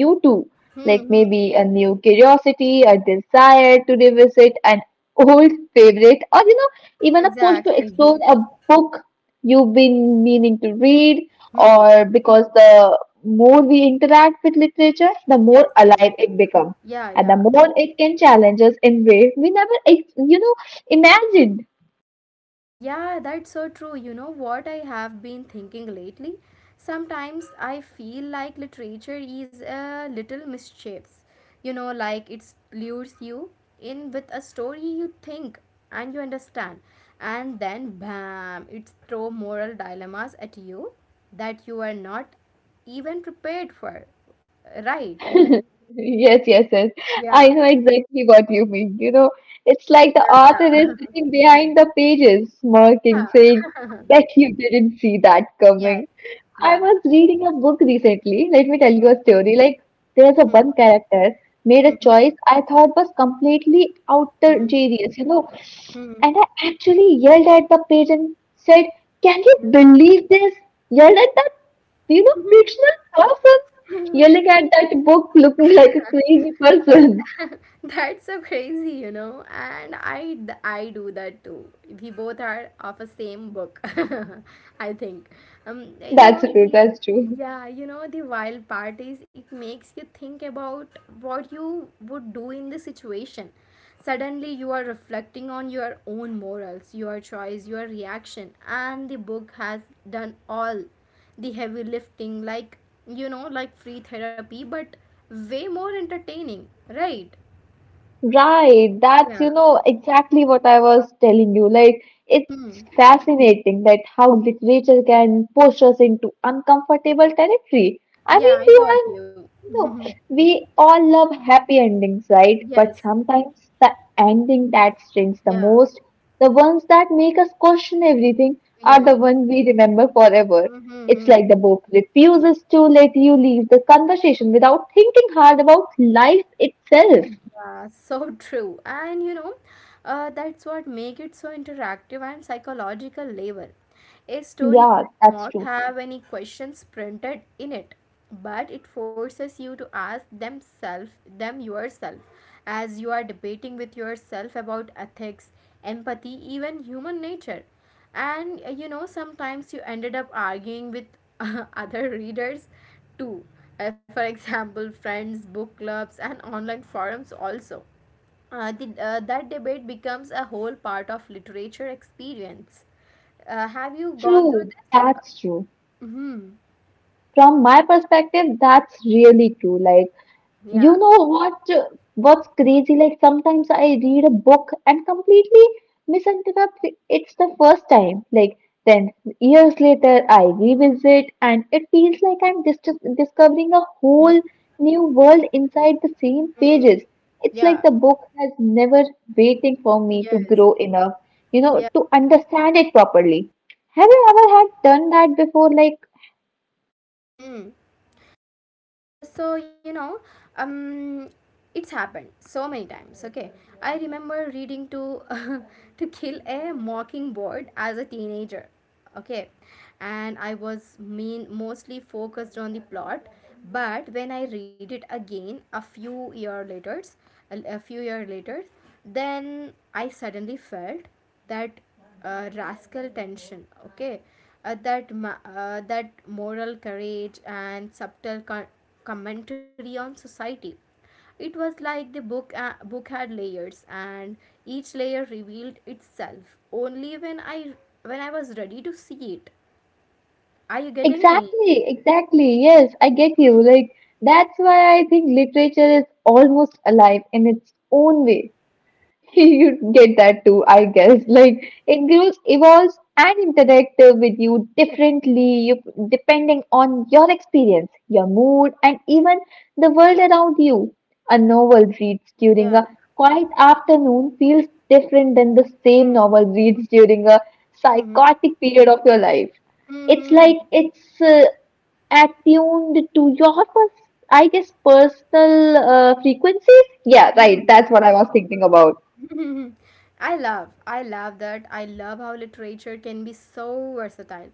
S2: you too.
S1: hmm,
S2: Like
S1: hmm,
S2: maybe a new curiosity, a desire to revisit an old favorite, or you know, even a push to explore
S1: exactly,
S2: a book you've been meaning to read,
S1: hmm,
S2: or because the more we interact with literature, the more
S1: yes, yes,
S2: alive it becomes,
S1: yeah,
S2: and the
S1: yeah.
S2: more it can challenge us in ways we never, you know, imagined.
S1: Yeah, that's so true. You know what I have been thinking lately? Sometimes I feel like literature is a little mischievous. You know, like it lures you in with a story you think and you understand, and then bam, it's throw moral dilemmas at you that you are not even prepared for. Right?
S2: Yes, yes, yes. I
S1: Yeah,
S2: know exactly what you mean. You know, it's like the
S1: yeah,
S2: author
S1: yeah,
S2: is sitting behind the pages,
S1: yeah,
S2: smirking, saying, bet you didn't see that
S1: yeah,
S2: coming. I
S1: yeah.
S2: was reading a book recently. Let me tell you a story. Like, there's a
S1: Hmm,
S2: one character made a
S1: hmm,
S2: choice I thought was completely
S1: hmm,
S2: outrageous, you know.
S1: hmm,
S2: And I actually yelled at the page and said, can you believe this? Yelled at the, you know,
S1: hmm,
S2: fictional person,
S1: yeah.
S2: yelling at that book looking like a crazy person.
S1: That's so crazy, you know. And I do that too. We both are of a same book, I think. You
S2: That's
S1: know
S2: true,
S1: the
S2: that's true.
S1: Yeah, you know the wild part is it makes you think about what you would do in the situation. Suddenly, you are reflecting on your own morals, your choice, your reaction, and the book has done all the heavy lifting, like, you know, like free therapy, but way more entertaining, right?
S2: Right, that's
S1: Yeah.
S2: you know exactly what I was telling you. Like it's
S1: Mm-hmm.
S2: fascinating that how literature can push us into uncomfortable territory. I
S1: Yeah,
S2: mean,
S1: I
S2: we
S1: got
S2: have
S1: you.
S2: no, we
S1: Yeah.
S2: all love happy endings, right? But
S1: Yes.
S2: sometimes the ending that stings the
S1: Yeah.
S2: most, the ones that make us question everything, are the
S1: Yes.
S2: ones we remember forever. It's
S1: Mm-hmm.
S2: like the book
S1: Yeah.
S2: refuses to let you leave the conversation without thinking hard about life itself.
S1: Yeah. So true. And you know, that's what make it so interactive and psychological level. A story
S2: Yeah,
S1: might
S2: that's
S1: not
S2: true.
S1: have any questions printed in it, but it forces you to ask themself, them yourself, as you are debating with yourself about ethics, empathy, even human nature. And you know, sometimes you ended up arguing with other readers too. For example, friends, book clubs, and online forums also, that debate becomes a whole part of literature experience. Have you gone through
S2: True,
S1: this?
S2: that's true.
S1: Mm-hmm.
S2: From my perspective, that's really true. Like,
S1: Yeah.
S2: you know what, what's crazy, like sometimes I read a book and completely misinterpret it's the first time, like then years later I revisit and it feels like I'm discovering a
S1: Mm-hmm.
S2: whole new world inside the same pages. It's
S1: Yeah.
S2: like the book has never waiting for me to
S1: Yes.
S2: grow enough, you know,
S1: Yeah.
S2: to understand it properly. Have you ever had done that before? Like
S1: Mm-hmm. So you know, um it's happened so many times, okay? I remember reading to to kill a mockingbird as a teenager, okay? And I was mean mostly focused on the plot, but when I read it again a few year later, a few year later, then I suddenly felt that rascal tension, okay, that moral courage and subtle commentary on society. It was like the book had layers, and each layer revealed itself only when I was ready to see it. Are you getting me?
S2: exactly, exactly. Yes, I get
S1: Hmm.
S2: you. Like, that's why I think literature is almost alive in its own
S1: Yeah.
S2: way. You get that too, I guess.
S1: Yes.
S2: Like it grows, evolves, and interactive with you differently, you depending on your experience, your mood, and even the world around you. A novel reads during a
S1: Yeah.
S2: quiet afternoon feels different than the same
S1: Hmm.
S2: novel reads during a
S1: Hmm.
S2: psychotic period of your life.
S1: Hmm.
S2: It's
S1: Hmm.
S2: like it's attuned to your I guess personal frequencies. Yeah, right.
S1: Hmm.
S2: That's what I was thinking about.
S1: Mm. I love that. I love how literature can be so versatile.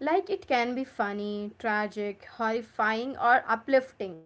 S1: Like it can be funny, tragic, horrifying, or uplifting.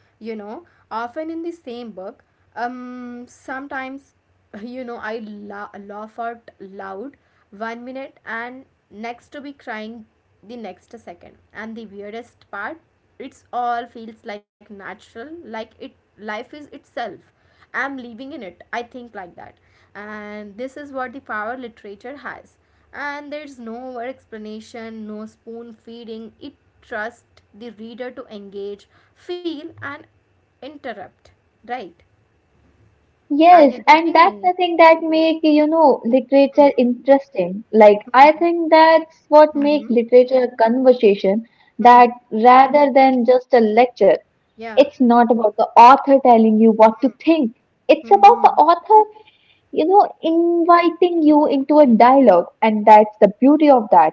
S1: You know, often in the same book. Sometimes, you know, I laugh out loud one minute and next to be crying the next second. And the weirdest part, it's all feels like natural, like it life is itself I'm living in it. I think like that. And this is what the power literature has. And there's no over explanation, no spoon feeding. It trusts the reader to engage, feel, and interrupt. Right? Are you
S2: Yes, and
S1: getting
S2: that's
S1: me?
S2: the thing that make, you know,
S1: Hmm.
S2: literature interesting. Like, I
S1: Hmm.
S2: think that's what make
S1: Hmm.
S2: literature a conversation that
S1: Hmm.
S2: rather than just a lecture,
S1: Yeah.
S2: it's not about the author telling you what to think. It's
S1: Hmm.
S2: about
S1: Hmm.
S2: the author, you know, inviting you into a dialogue. And that's the beauty of that.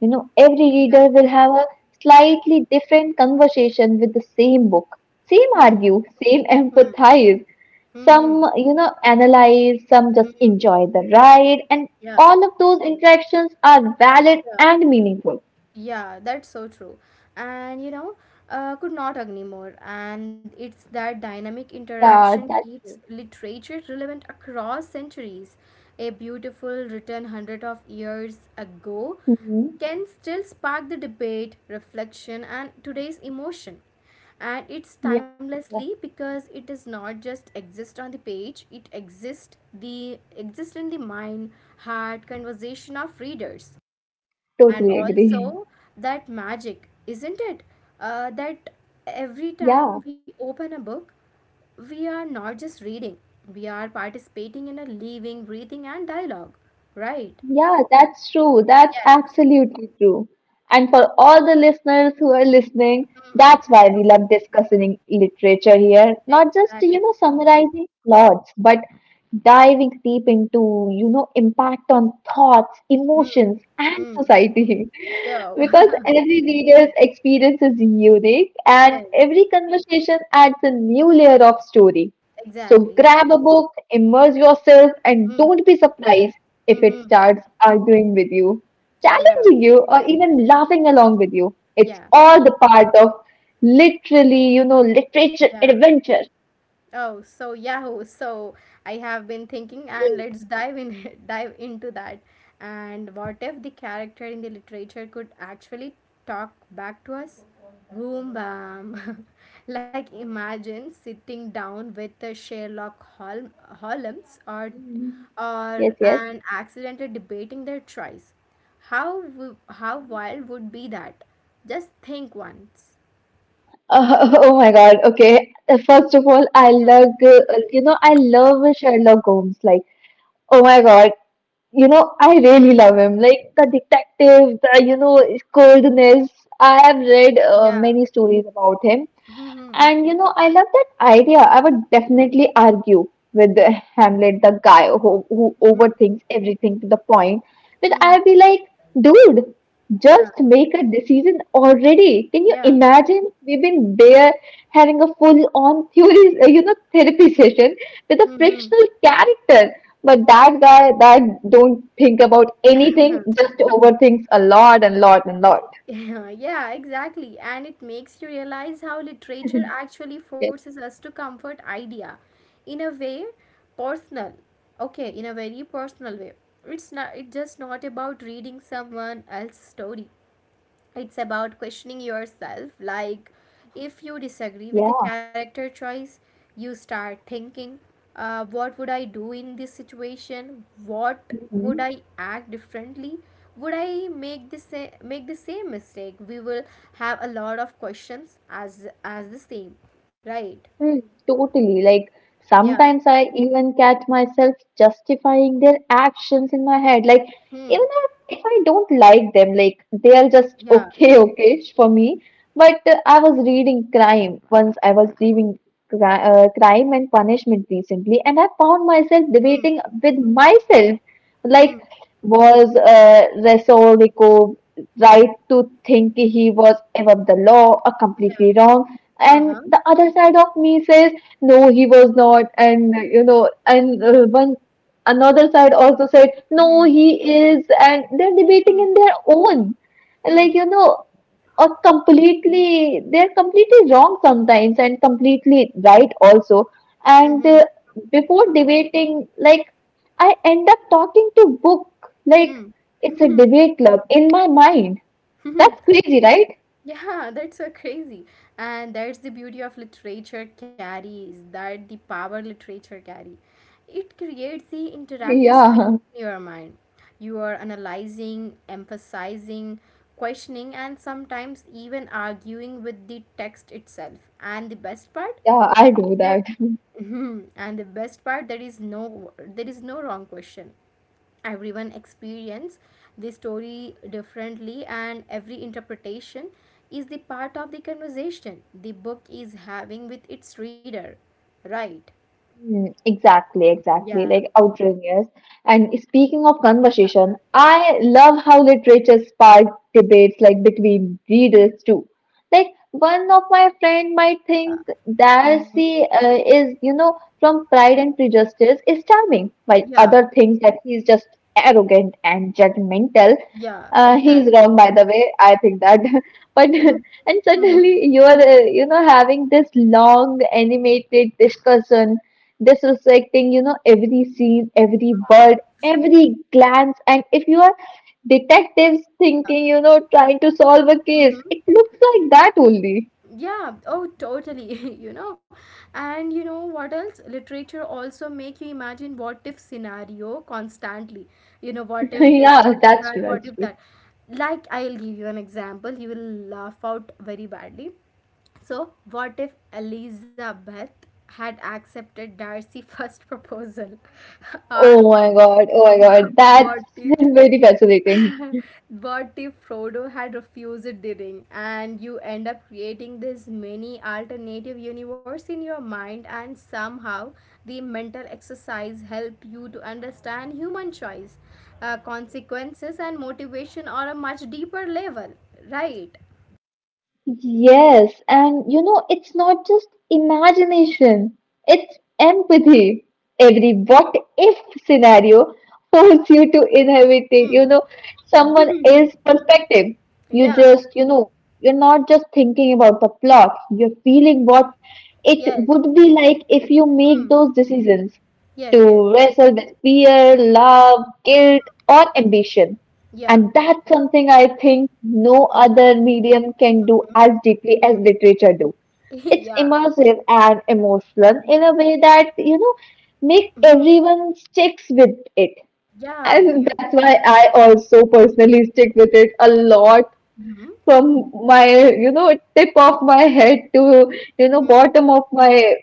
S2: You know, every
S1: Yeah.
S2: reader will have a slightly different conversation with the same book, same
S1: Hmm.
S2: argue, same
S1: Hmm.
S2: empathize.
S1: Hmm. Hmm.
S2: Some, you know, analyze, some
S1: Hmm.
S2: just enjoy the ride, and
S1: Yeah.
S2: all of those interactions are valid
S1: Yeah.
S2: and meaningful.
S1: Yeah, that's so true. And you know, could not agree more. And it's that dynamic
S2: Yeah,
S1: interaction
S2: that's
S1: keeps
S2: true.
S1: literature relevant across centuries. A beautiful written hundred of years ago
S2: Mhm.
S1: can still spark the debate, reflection, and today's emotion. And it's
S2: Yeah,
S1: timelessly
S2: yeah,
S1: because it does not just exist on the page; it exists in the mind, heart, conversation of readers, and
S2: totally agree.
S1: also that magic, isn't it, that every
S2: Yeah.
S1: time we open a book, we are not just reading, we are participating in a living breathing and dialogue, right?
S2: Yeah, that's true. That's
S1: Yes.
S2: absolutely true. And for all the listeners who are listening,
S1: Hmm.
S2: that's why we
S1: Yes.
S2: love discussing literature here. Not just,
S1: Exactly.
S2: you know, summarizing plots, but diving deep into, you know, impact on thoughts,
S1: Hmm.
S2: emotions, and
S1: Hmm.
S2: society.
S1: Yo.
S2: Because every reader's experience is unique and
S1: Yes.
S2: every conversation adds a new layer of story. So
S1: Exactly.
S2: grab a book, immerse yourself, and
S1: Hmm.
S2: don't be surprised if
S1: Hmm.
S2: it
S1: Hmm.
S2: starts arguing with you,
S1: Yeah.
S2: challenging you, or even laughing along with you. It's
S1: Yeah.
S2: all the part of literally, you know, literature
S1: Yeah.
S2: adventure.
S1: Oh, so Yahoo. So I have been thinking, and let's dive in dive into that. And what if the character in the literature could actually talk back to us? Boom, bam! Like imagine sitting down with the Sherlock Holmes, or
S2: Yes, yes.
S1: an accidentally debating their choice. How wild would be that? Just think once.
S2: Oh my God. Okay. First of all, I
S1: Yeah,
S2: love, you know, I love Sherlock Holmes. Like, oh my God, you know, I really love him. Like the detective, the, you know, coldness. I have read
S1: yeah.
S2: many stories about him,
S1: Mm-hmm.
S2: and you know, I love that idea. I would definitely argue with the Hamlet, the guy who
S1: Mm-hmm.
S2: overthinks everything to the point that
S1: Mm-hmm.
S2: I'd be like, dude,
S1: Yeah.
S2: just make a decision already. Can you
S1: Yeah.
S2: imagine? We've been there having a full-on theory, you know, therapy session with a
S1: Mm-hmm.
S2: fictional character. But that guy that don't think about anything, just overthinks a lot and lot and lot.
S1: Yeah, yeah, exactly. And it makes you realize how literature actually
S2: Yeah.
S1: forces us to comfort idea in a way personal. Okay, in a very personal way. It's not, it's just not about reading someone else's story. It's about questioning yourself. Like, if you disagree with a character choice, you start thinking, what would I do in this situation? What
S2: Yeah.
S1: would I act differently? Would I make the make the same mistake? We will have a lot of questions as the same, right?
S2: Hmm, totally. Like
S1: Yeah.
S2: sometimes I even catch myself justifying their actions in my head. Like even
S1: Hmm.
S2: if I don't like them, like they are just
S1: Yeah.
S2: okay, okay for me. But I was reading crime once. I was reading crime and punishment recently, and I found myself
S1: Hmm.
S2: debating with myself, like
S1: Hmm.
S2: was Resortico right to think he was above the law or
S1: Yeah.
S2: completely wrong.
S1: Uh
S2: And
S1: huh.
S2: the other side of me says, no, he was not. And, you know, and one another side also said, no,
S1: Hmm.
S2: he is. And they're debating
S1: Hmm.
S2: in their own. Like,
S1: Hmm.
S2: you know, or completely, they're completely wrong sometimes and completely right also. And
S1: Hmm.
S2: before debating, like, I end up talking to book. Like,
S1: Hmm.
S2: it's a
S1: Hmm.
S2: debate club in my mind.
S1: Hmm.
S2: That's crazy, right?
S1: Yeah, that's so crazy. And that's the beauty of literature carries, that the power literature carry. It creates the interactive space
S2: Yeah,
S1: in your mind. You are analyzing, emphasizing, questioning, and sometimes even arguing with the text itself. And the best part,
S2: yeah, I do
S1: there.
S2: that.
S1: Mhm. And the best part, there is no wrong question. Everyone experience the story differently, and every interpretation is the part of the conversation the book is having with its reader, right?
S2: Mm, exactly, exactly.
S1: Yeah.
S2: Like outrageous. And speaking of
S1: Yeah.
S2: conversation, I love how literature sparks debates like between readers too. Like one of my friend might
S1: Yeah.
S2: think
S1: Hmm.
S2: Darcy is, you know, from Pride and Prejudice is charming, while
S1: Yeah.
S2: other thinks that he is just arrogant and judgmental.
S1: Yeah.
S2: He's
S1: Exactly.
S2: wrong, by the way. I think that, but and
S1: Mm-hmm.
S2: suddenly you are, you know, having this long animated discussion this you know, every scene, every bird, every glance, and if you are detectives
S1: Yeah.
S2: thinking, you know, trying to solve a case,
S1: Mhm.
S2: it looks like that only.
S1: Yeah. Oh, totally. You know, and you know what else, literature also make you imagine what if scenario constantly. You know, what if this, what
S2: Yeah,
S1: if
S2: that's
S1: that,
S2: true,
S1: what
S2: that's
S1: if
S2: true.
S1: that. Like, I'll give you an example, you will laugh out very badly. So what if Elizabeth had accepted Darcy's first proposal, or wha-
S2: Oh my
S1: wha-
S2: god, that's
S1: what if.
S2: very fascinating.
S1: But if Frodo had refused the ring, and you end up creating this mini alternative universe in your mind, and somehow the mental exercise help you to understand human choice, consequences, and motivation on a much deeper level, right?
S2: Yes, and you know, it's not just imagination, it's empathy. Every what if scenario forces you to inhabit it, you
S1: Hmm.
S2: know, someone else's perspective. You
S1: Yeah.
S2: just, you know, you're not just thinking about the plot, you're feeling what it
S1: Yes.
S2: would be like if you
S1: Hmm.
S2: make those decisions
S1: Yes. Yes.
S2: to wrestle with fear, love, guilt, or ambition.
S1: Yeah.
S2: And that's something I think no
S1: Hmm.
S2: other medium can do as deeply as
S1: Hmm.
S2: literature do. It's
S1: Yeah.
S2: immersive and
S1: Yeah.
S2: emotional in a way that, you know, make
S1: Hmm.
S2: everyone sticks with it.
S1: Yeah.
S2: And
S1: Beau.
S2: that's why I also personally stick with it a lot
S1: Hmm.
S2: from my, you know, tip of my head to, you know,
S1: Hmm.
S2: bottom of my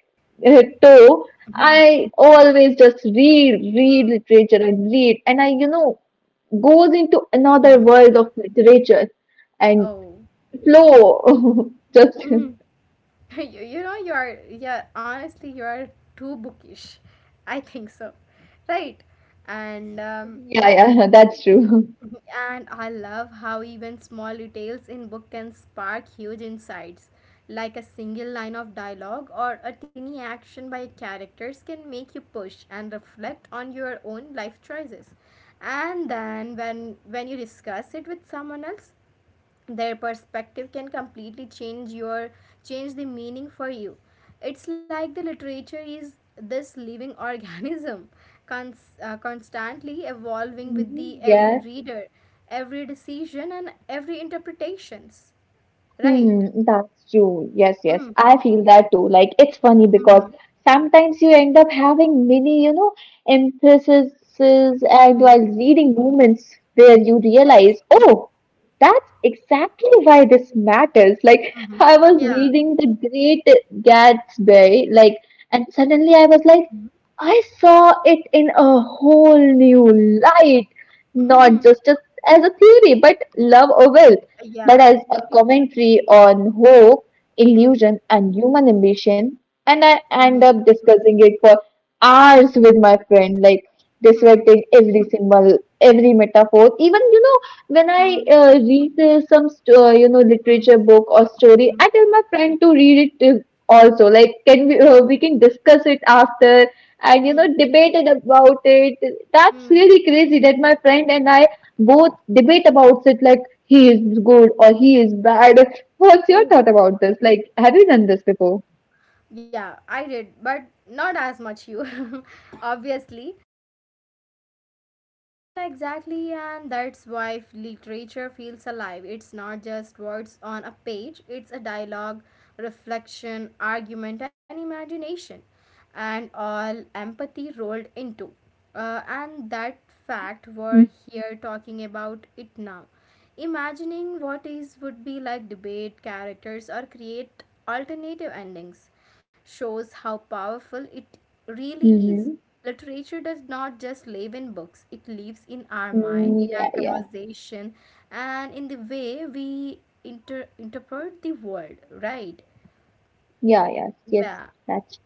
S2: toe.
S1: Hmm.
S2: I always just read, read literature and read. And I, you know, goes into another
S1: Hmm.
S2: world of literature and
S1: Oh.
S2: flow. Just
S1: Mhm. You know, you are, yeah, honestly, you are too bookish. I think so. Right. And, um,
S2: yeah, yeah, that's true.
S1: and I love how even small details in book can spark huge insights. Like a single line of dialogue or a tiny action by characters can make you push and reflect on your own life choices. And then when you discuss it with someone else, their perspective can completely change the meaning for you. It's like the literature is this living organism, constantly evolving with the
S2: Mhm.
S1: every
S2: Yeah.
S1: reader, every decision, and every interpretations, right?
S2: Hmm, that's true. Yes, yes.
S1: Mm-hmm.
S2: I feel that too. Like it's funny
S1: Mm-hmm.
S2: because sometimes you end up having many, you know, emphases and while
S1: Mm-hmm.
S2: reading moments where you realize,
S1: Yes.
S2: oh, that's exactly why this matters. Like
S1: Mm-hmm.
S2: I was
S1: Yeah.
S2: reading The Great Gatsby, like, and suddenly I was like,
S1: Mm-hmm.
S2: I saw it in a whole new light, not just as a theory, but love or will but
S1: Yeah,
S2: as a
S1: it's.
S2: commentary on hope,
S1: Mm-hmm.
S2: illusion, and human ambition. And I
S1: Mm-hmm.
S2: end up discussing it for hours with my friend, like dissecting every symbol, every metaphor. Even, you know, when I
S1: Mm-hmm.
S2: read some, you know,
S1: Mm-hmm.
S2: literature book or story, I tell my friend to read it also. Like, can we can discuss it after, and you know debated about it. That's
S1: Mm-hmm.
S2: really crazy that my friend and I both debate about it, like he is good or he is bad. What's your
S1: Oh.
S2: thought about this? Like, have you done this before?
S1: Yeah, I did, but not as much you, obviously. And exactly, and that's why literature feels alive. It's not just words on a page, it's a dialogue, reflection, argument, and imagination, and all empathy rolled into. And that fact, we're here talking about it now. Imagining what is would be like debate characters or create alternative endings shows how powerful it really is.
S2: Mm-hmm.
S1: Literature does not just live in books, it lives in our mind,
S2: Mm,
S1: in
S2: yeah,
S1: our
S2: yeah,
S1: conversation, and in the way we interpret the world, right?
S2: yeah, yeah. Yes,
S1: Yeah.
S2: that's.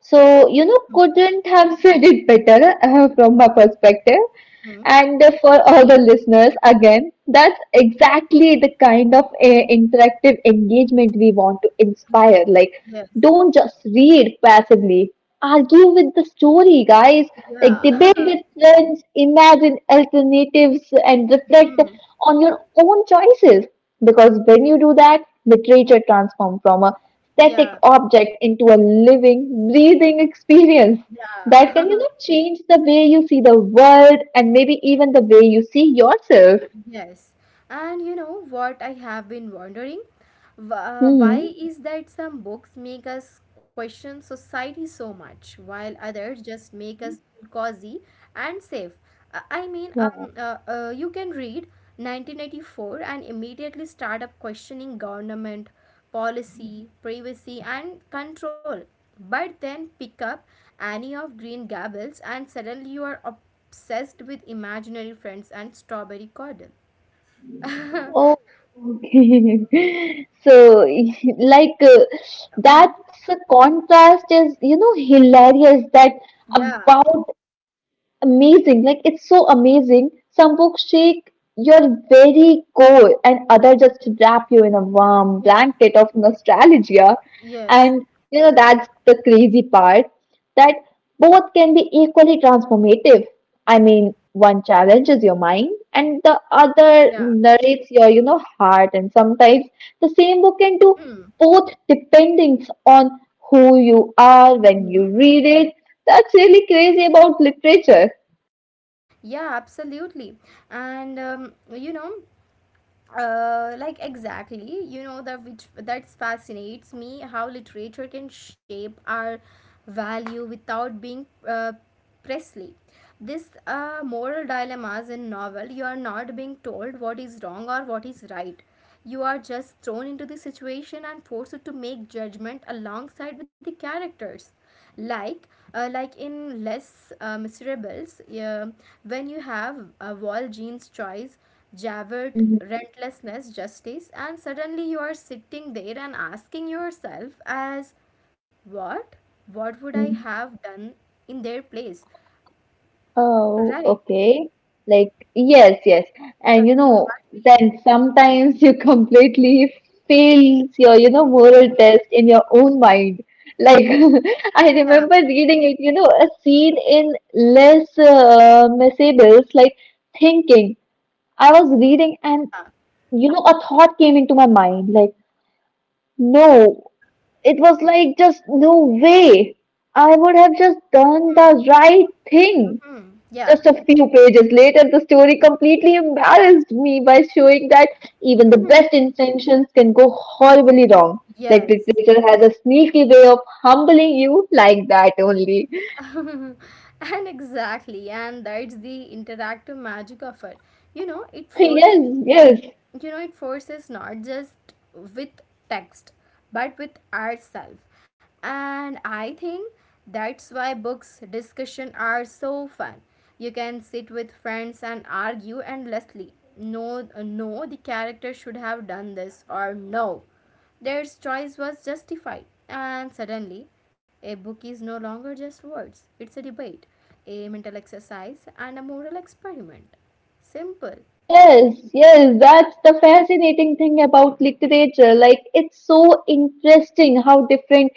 S2: So, you know,
S1: Hmm.
S2: couldn't have said it better from my perspective.
S1: Hmm.
S2: And for all the listeners, again, that's exactly the kind of interactive engagement we want to inspire. Like,
S1: Yes.
S2: don't just read passively, argue with the story, guys. Like,
S1: Yeah.
S2: debate with friends, imagine alternatives, and reflect
S1: Hmm.
S2: on your own choices. Because when you do that, literature transforms from a static
S1: Yeah.
S2: object into a living, breathing experience that can,
S1: Yeah.
S2: you know, change the way you see the world and maybe even the way you see yourself.
S1: Yes. And you know what I have been wondering? Why
S2: Hmm.
S1: is that some books make us question society so much, while others just make us feel cozy and safe? I mean,
S2: Yeah.
S1: you can read 1984 and immediately start up questioning government, policy, privacy, and control. But then pick up Annie of Green Gables, and suddenly you are obsessed with imaginary friends and strawberry cordial.
S2: Oh, okay. So, like,
S1: Mhm.
S2: that's a contrast is, you know, hilarious that
S1: Yeah,
S2: about amazing, like it's so amazing. Some books shake your very core and other just wrap you in a warm
S1: yes,
S2: blanket of nostalgia,
S1: yes,
S2: and you know that's the crazy part, that both can be equally transformative. I mean one challenges your mind and the other
S1: yeah.
S2: narrates your, you know, heart, and sometimes the same book can do
S1: Hmm.
S2: both depending on who you are when
S1: Mm-hmm.
S2: you read it. That's really crazy about literature.
S1: Yeah, absolutely. And like exactly, you know that which that fascinates me how literature can shape our value without being Presley. This moral dilemmas in novel, you are not being told what is wrong or what is right. You are just thrown into the situation and forced to make judgment alongside with the characters. Like, like in Les Miserables, when you have Jean's choice, Javert,
S2: Mhm,
S1: relentlessness, justice, and suddenly you are sitting there and asking yourself as what? What would I
S2: mhm.
S1: have done in their place?
S2: Oh,
S1: Right.
S2: okay. Like, yes, yes. And you
S1: We
S2: know,
S1: can't be.
S2: then sometimes you completely fails your, you know, moral test in your own mind. Like, I
S1: Yeah,
S2: remember reading it, you know, a scene in Les Miserables, like thinking. I was reading and,
S1: yeah.
S2: you know, a thought came into my mind, like, no, it was like just no way. I would have just done the right thing.
S1: Mm-hmm. Yeah.
S2: Just a few pages later, the story completely embarrassed me by showing that even the best intentions can go horribly wrong. Like
S1: Yes.
S2: literature has a sneaky way of humbling you like that only.
S1: And exactly. And that's the interactive magic of it. You know,
S2: Yes, yes,
S1: it forces not just with text but with ourselves. And I think that's why books discussion are so fun. You can sit with friends and argue endlessly, no no the character should have done this, or no their choice was justified, and suddenly a book is no longer just words, it's a debate, a mental exercise, and a moral experiment, simple.
S2: yes, yes. That's the fascinating thing about literature. Like it's so interesting how different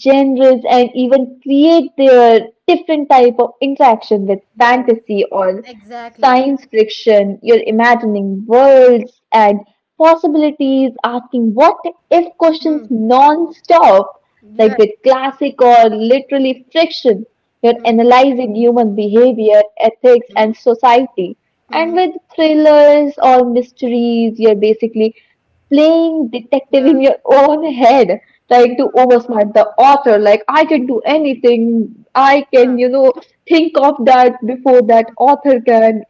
S2: genres and even create their different type of interaction with
S1: Yes,
S2: fantasy or
S1: exactly.
S2: science fiction. You're imagining worlds and possibilities, asking what if questions
S1: Hmm.
S2: non-stop. Like
S1: Yeah.
S2: with classic or literally fiction, you're
S1: Mhm.
S2: analyzing human behavior, ethics,
S1: Mhm.
S2: and society, and
S1: Mhm.
S2: with thrillers or mysteries, you're basically playing detective
S1: Yeah.
S2: in your own head, trying to
S1: Mhm.
S2: oversmart the author. Like, I can do anything.
S1: Yeah.
S2: I can, you know, think of that before that author can.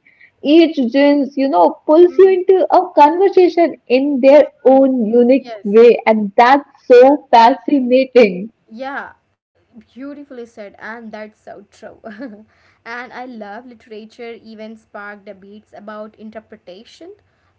S2: Each gens, you know, pulls you
S1: Mhm.
S2: into a conversation in their
S1: Mhm.
S2: own unique
S1: Yes.
S2: way, and that's
S1: Yeah.
S2: so fascinating.
S1: Yeah. Beautifully said, and that's so true. And I love literature even spark debates about interpretation.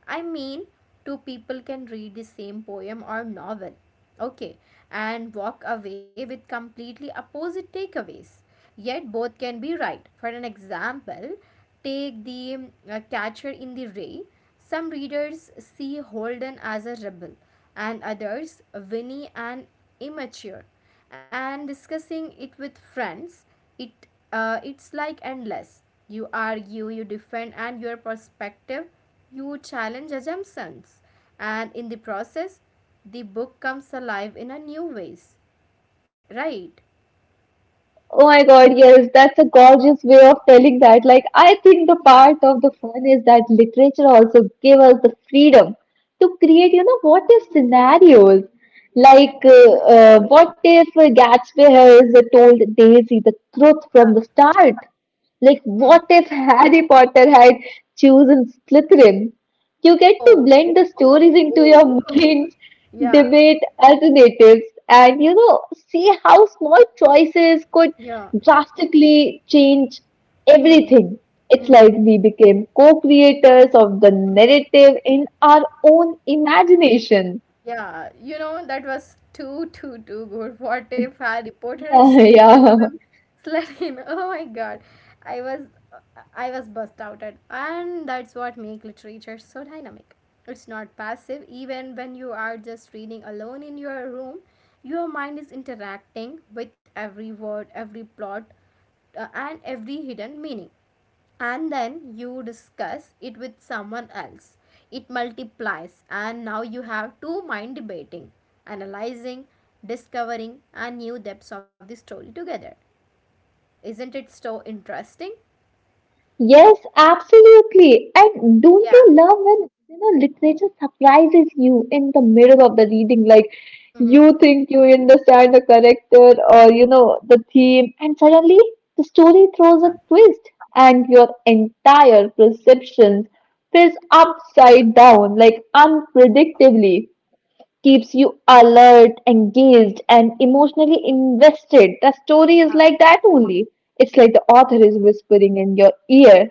S1: I mean, two people can read the same poem or novel, okay, and walk away with completely opposite takeaways. Yet both can be right. For an example, take the catcher in the Ray. Some readers see Holden as a rebel, and others Winnie an immature. And discussing it with friends, it it's like endless. You argue, you defend, and your perspective, you challenge assumptions, and in the process the book comes alive in a new ways, right?
S2: Oh my God, yes, that's a gorgeous way of telling that. Like, I think the
S1: Yeah.
S2: part of the fun is that literature also gave us the freedom to create, you know, what if scenarios. Like, what if Gatsby has told Daisy the truth from the start? Like, what
S1: Mm-hmm.
S2: if Harry Potter had chosen Slytherin? You get to
S1: Oh.
S2: blend the stories into your
S1: Oh, oh.
S2: mind,
S1: Yeah.
S2: debate alternatives, and you know, see how small choices could
S1: Yeah.
S2: drastically changed
S1: Hmm.
S2: everything. It's
S1: Hmm.
S2: like
S1: Hmm.
S2: we became co creators of the narrative in our own imagination.
S1: Yeah, you know, that was too, too, too good. What if our reporter
S2: Yeah,
S1: has
S2: yeah.
S1: chosen Slatin? Oh my God. I was I was bust outed. And that's what make literature so dynamic. It's not passive. Even when you are just reading alone in your room, your mind is interacting with every word, every plot, and every hidden meaning. And then you discuss it with someone else, it multiplies, and now you have two mind debating, analyzing, discovering, and new depths of the story together. Isn't it so interesting?
S2: Yes, absolutely. And don't you
S1: Yeah.
S2: love when, you know, literature surprises you in the middle of the reading? Like,
S1: Mm-hmm.
S2: you think you understand the character or, you know, the theme, and suddenly the story throws a
S1: Yeah.
S2: twist, and your entire perception is
S1: Yeah.
S2: upside down, like,
S1: Mm?
S2: unpredictably. Keeps you alert, engaged, and emotionally invested. The story is
S1: Yeah.
S2: like that only. It's like the author is whispering in your ear.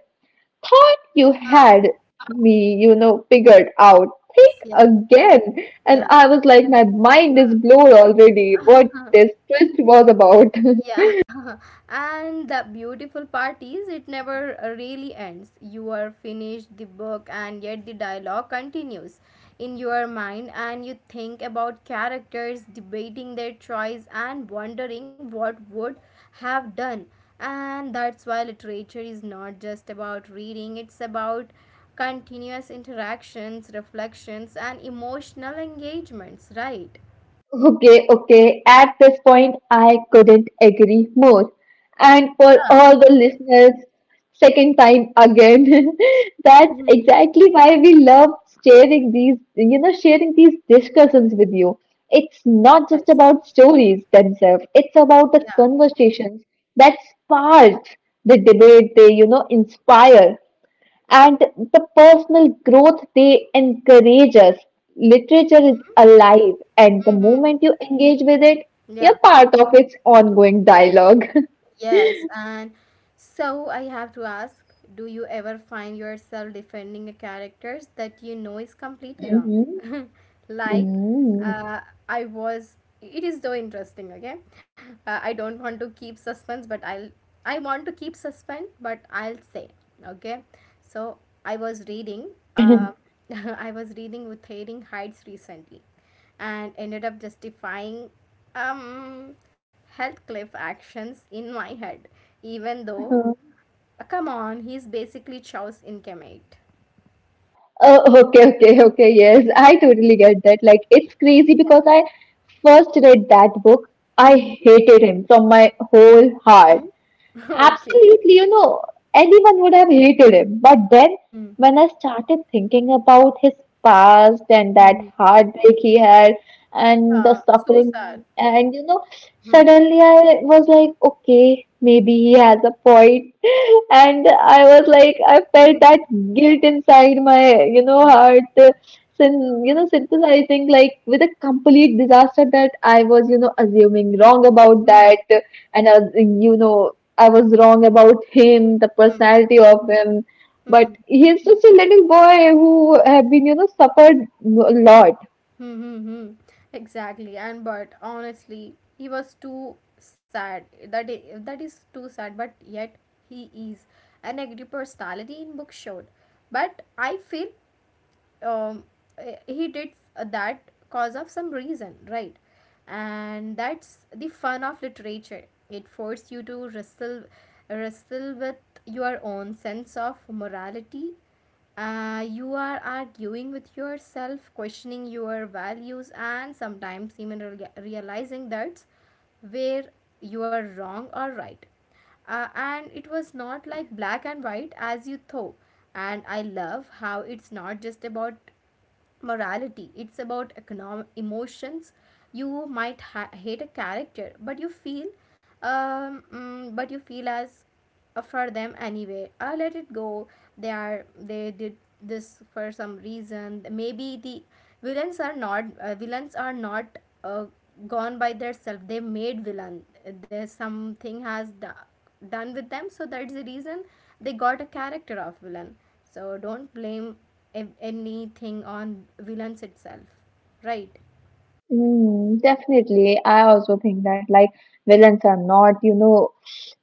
S2: Thought you
S1: Yeah.
S2: had me, you know, figured out.
S1: Yes. Yes.
S2: Think again. And
S1: Yeah.
S2: I was like, my mind is blown already. What this twist was about.
S1: Yeah, and the beautiful part is it never really ends. You are finished the book, and yet the dialogue continues in your mind, and you think about characters debating their choice and wondering what would have done. And that's why literature is not just about reading, it's about continuous interactions, reflections, and emotional engagements, right?
S2: Okay, okay. At this point, I couldn't agree more. And for
S1: Yeah.
S2: all the listeners, second time again, that's exactly why we love sharing these, you know, sharing these discussions with you. It's not just
S1: Yes,
S2: about stories themselves, it's about the
S1: yeah.
S2: conversations that spark the debate they, you know, inspire and the personal growth they encourage us. Literature is alive, and the
S1: Mhm.
S2: moment you engage with it, you're
S1: Yeah,
S2: part of its ongoing dialog.
S1: yes. And so I have to ask, do you ever find yourself defending a characters that you know is completely
S2: Mm-hmm.
S1: wrong? Like, uh, I was, it is so interesting, okay? I don't want to keep suspense, but I want to keep suspense, but I'll say, okay? So I was reading,
S2: Okay, okay.
S1: uh, I was reading with Wuthering Heights recently, and ended up justifying um health cliff actions in my head, even though,
S2: Uh-huh.
S1: come on, he's basically Chow's incarnate.
S2: Oh, okay, okay, okay. Yes, I totally get that. Like, it's crazy because I first read that book, I
S1: Mhm.
S2: hated him from my whole heart.
S1: Okay.
S2: Absolutely, you know, anyone would have hated him. But then,
S1: Hmm.
S2: when I started thinking about his past and that
S1: Hmm.
S2: heartbreak he had and the
S1: Yeah, so sad.
S2: suffering, and you know,
S1: Hmm.
S2: suddenly I was like, okay, maybe he has a point, and I was like, I felt
S1: Hmm.
S2: that guilt inside my, you know,
S1: Hmm.
S2: heart. Syn- you
S1: Hmm.
S2: know, synthesizing like with a complete disaster that I was, you know, assuming wrong
S1: Hmm.
S2: about
S1: Hmm.
S2: that, and I was you know, I was wrong about him, the
S1: Hmm.
S2: personality of him.
S1: Hmm.
S2: But he's just a little boy who have been, you know, suffered a lot.
S1: Mm-hmm. Exactly. And but honestly, he was too sad. That is, too sad. But yet he is an angry personality in book showed. But I feel, um, he did that cause of some reason, right? And that's the fun of literature. It forced you to wrestle with your own sense of morality. You are arguing with yourself, questioning your values, and sometimes even realizing that's where you are wrong or right. And it was not like black and white as you thought. And I love how it's not just about morality, it's about economic emotions. You might hate a character, but you feel as, for them anyway, I let it go. They are, they did this for some reason. Maybe the villains are not, uh, gone by their self, they made villain. There's something has done with them, so that's the reason they got a character of villain. So don't blame anything on villains itself, right?
S2: Mm, definitely. I also think that like villains are not, you know,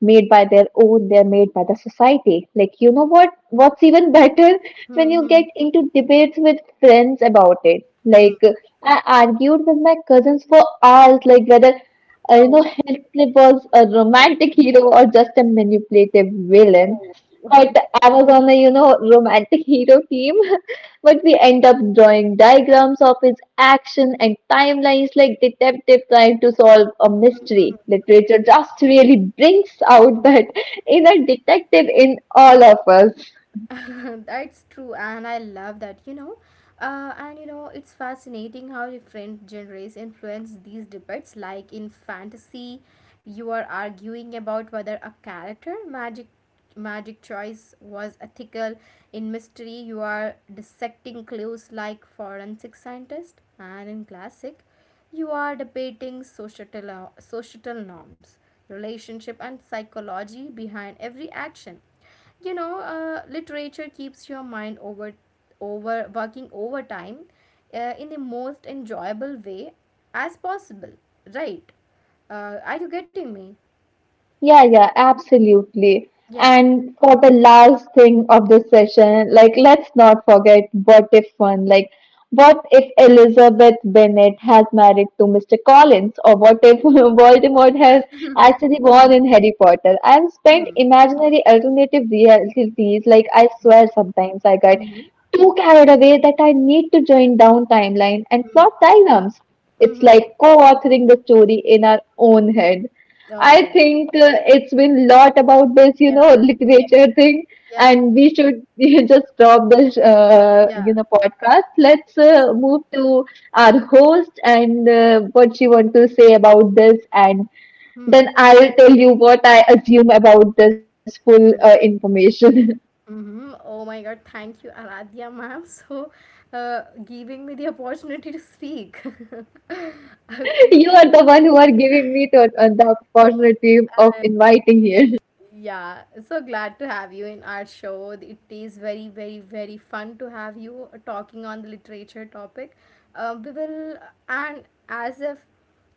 S2: made by their own, they're made by the society. Like, you know what? What's even better when
S1: Hmm.
S2: you get
S1: Hmm.
S2: into debates with friends about it. Like,
S1: Hmm.
S2: I argued with my cousins for hours, like whether, you know,
S1: Oh.
S2: Heathcliff was a romantic hero or just a manipulative villain.
S1: Oh, oh.
S2: But I was on a, you know, romantic hero team. But we end up drawing diagrams of his action and timelines like detective trying to solve a mystery. Literature just really brings out that inner detective in all of us.
S1: That's true, and I love that, you know. And you know, it's fascinating how different genres influence these debates. Like in fantasy, you are arguing about whether a character magic choice was ethical. In mystery, you are dissecting clues like forensic scientist. And in classic, you are debating societal norms, relationship, and psychology behind every action. You know, literature keeps your mind over working overtime, in the most enjoyable way as possible, right? Are you getting me?
S2: Yeah, yeah, absolutely.
S1: Yeah.
S2: And for the last thing of the session, like let's not forget what if one, like what if Elizabeth Bennet has married to Mr. Collins, or what if Voldemort has
S1: Mhm,
S2: actually born in Harry Potter? I've spent
S1: mhm,
S2: imaginary alternative realities, like I
S1: mhm,
S2: swear sometimes I get
S1: mhm,
S2: too carried away that I need to join down timeline and
S1: mhm,
S2: plot diagrams. It's
S1: mhm.
S2: like co-authoring the story in our own head. I
S1: Oh,
S2: think it's been lot about this, you
S1: yeah,
S2: know, literature thing,
S1: yeah,
S2: and we should just stop this,
S1: yeah.
S2: you know, podcast. Let's
S1: Yes.
S2: move to our host and what she want to say about this, and
S1: Hmm.
S2: then I'll tell you what I assume about this full
S1: Hmm,
S2: information.
S1: mhm. Oh my God, thank you, Aradhya ma'am, so giving me the opportunity to speak.
S2: You
S1: Okay.
S2: are the one who are giving me to, the opportunity of
S1: Uh,
S2: inviting here.
S1: Yeah, so glad to have you in our show. It is very, very, very fun to have you talking on the literature topic. We will, and as if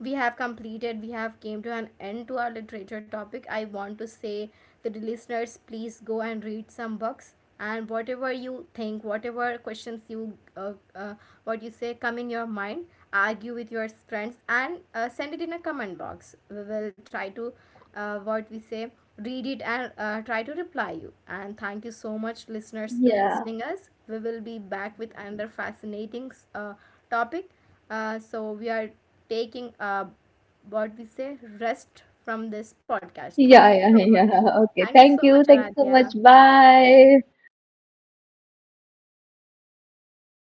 S1: we have completed, we have came to an end to our literature topic. I want to say to the listeners, please go and read some books, and whatever you think, whatever questions you, what you say come in your mind, argue with your friends, and send it in a comment box. We will try to what we say read it, and try to reply you. And thank you so much listeners to
S2: Yeah.
S1: listening us. We will be back with another fascinating uh, topic. So we are taking, what we say, rest from this podcast. Thank
S2: Yeah,
S1: you so
S2: yeah,
S1: much.
S2: yeah. Okay.
S1: Thank you so
S2: Thank
S1: much,
S2: you. Thank you so
S1: Aradhya.
S2: much. Bye.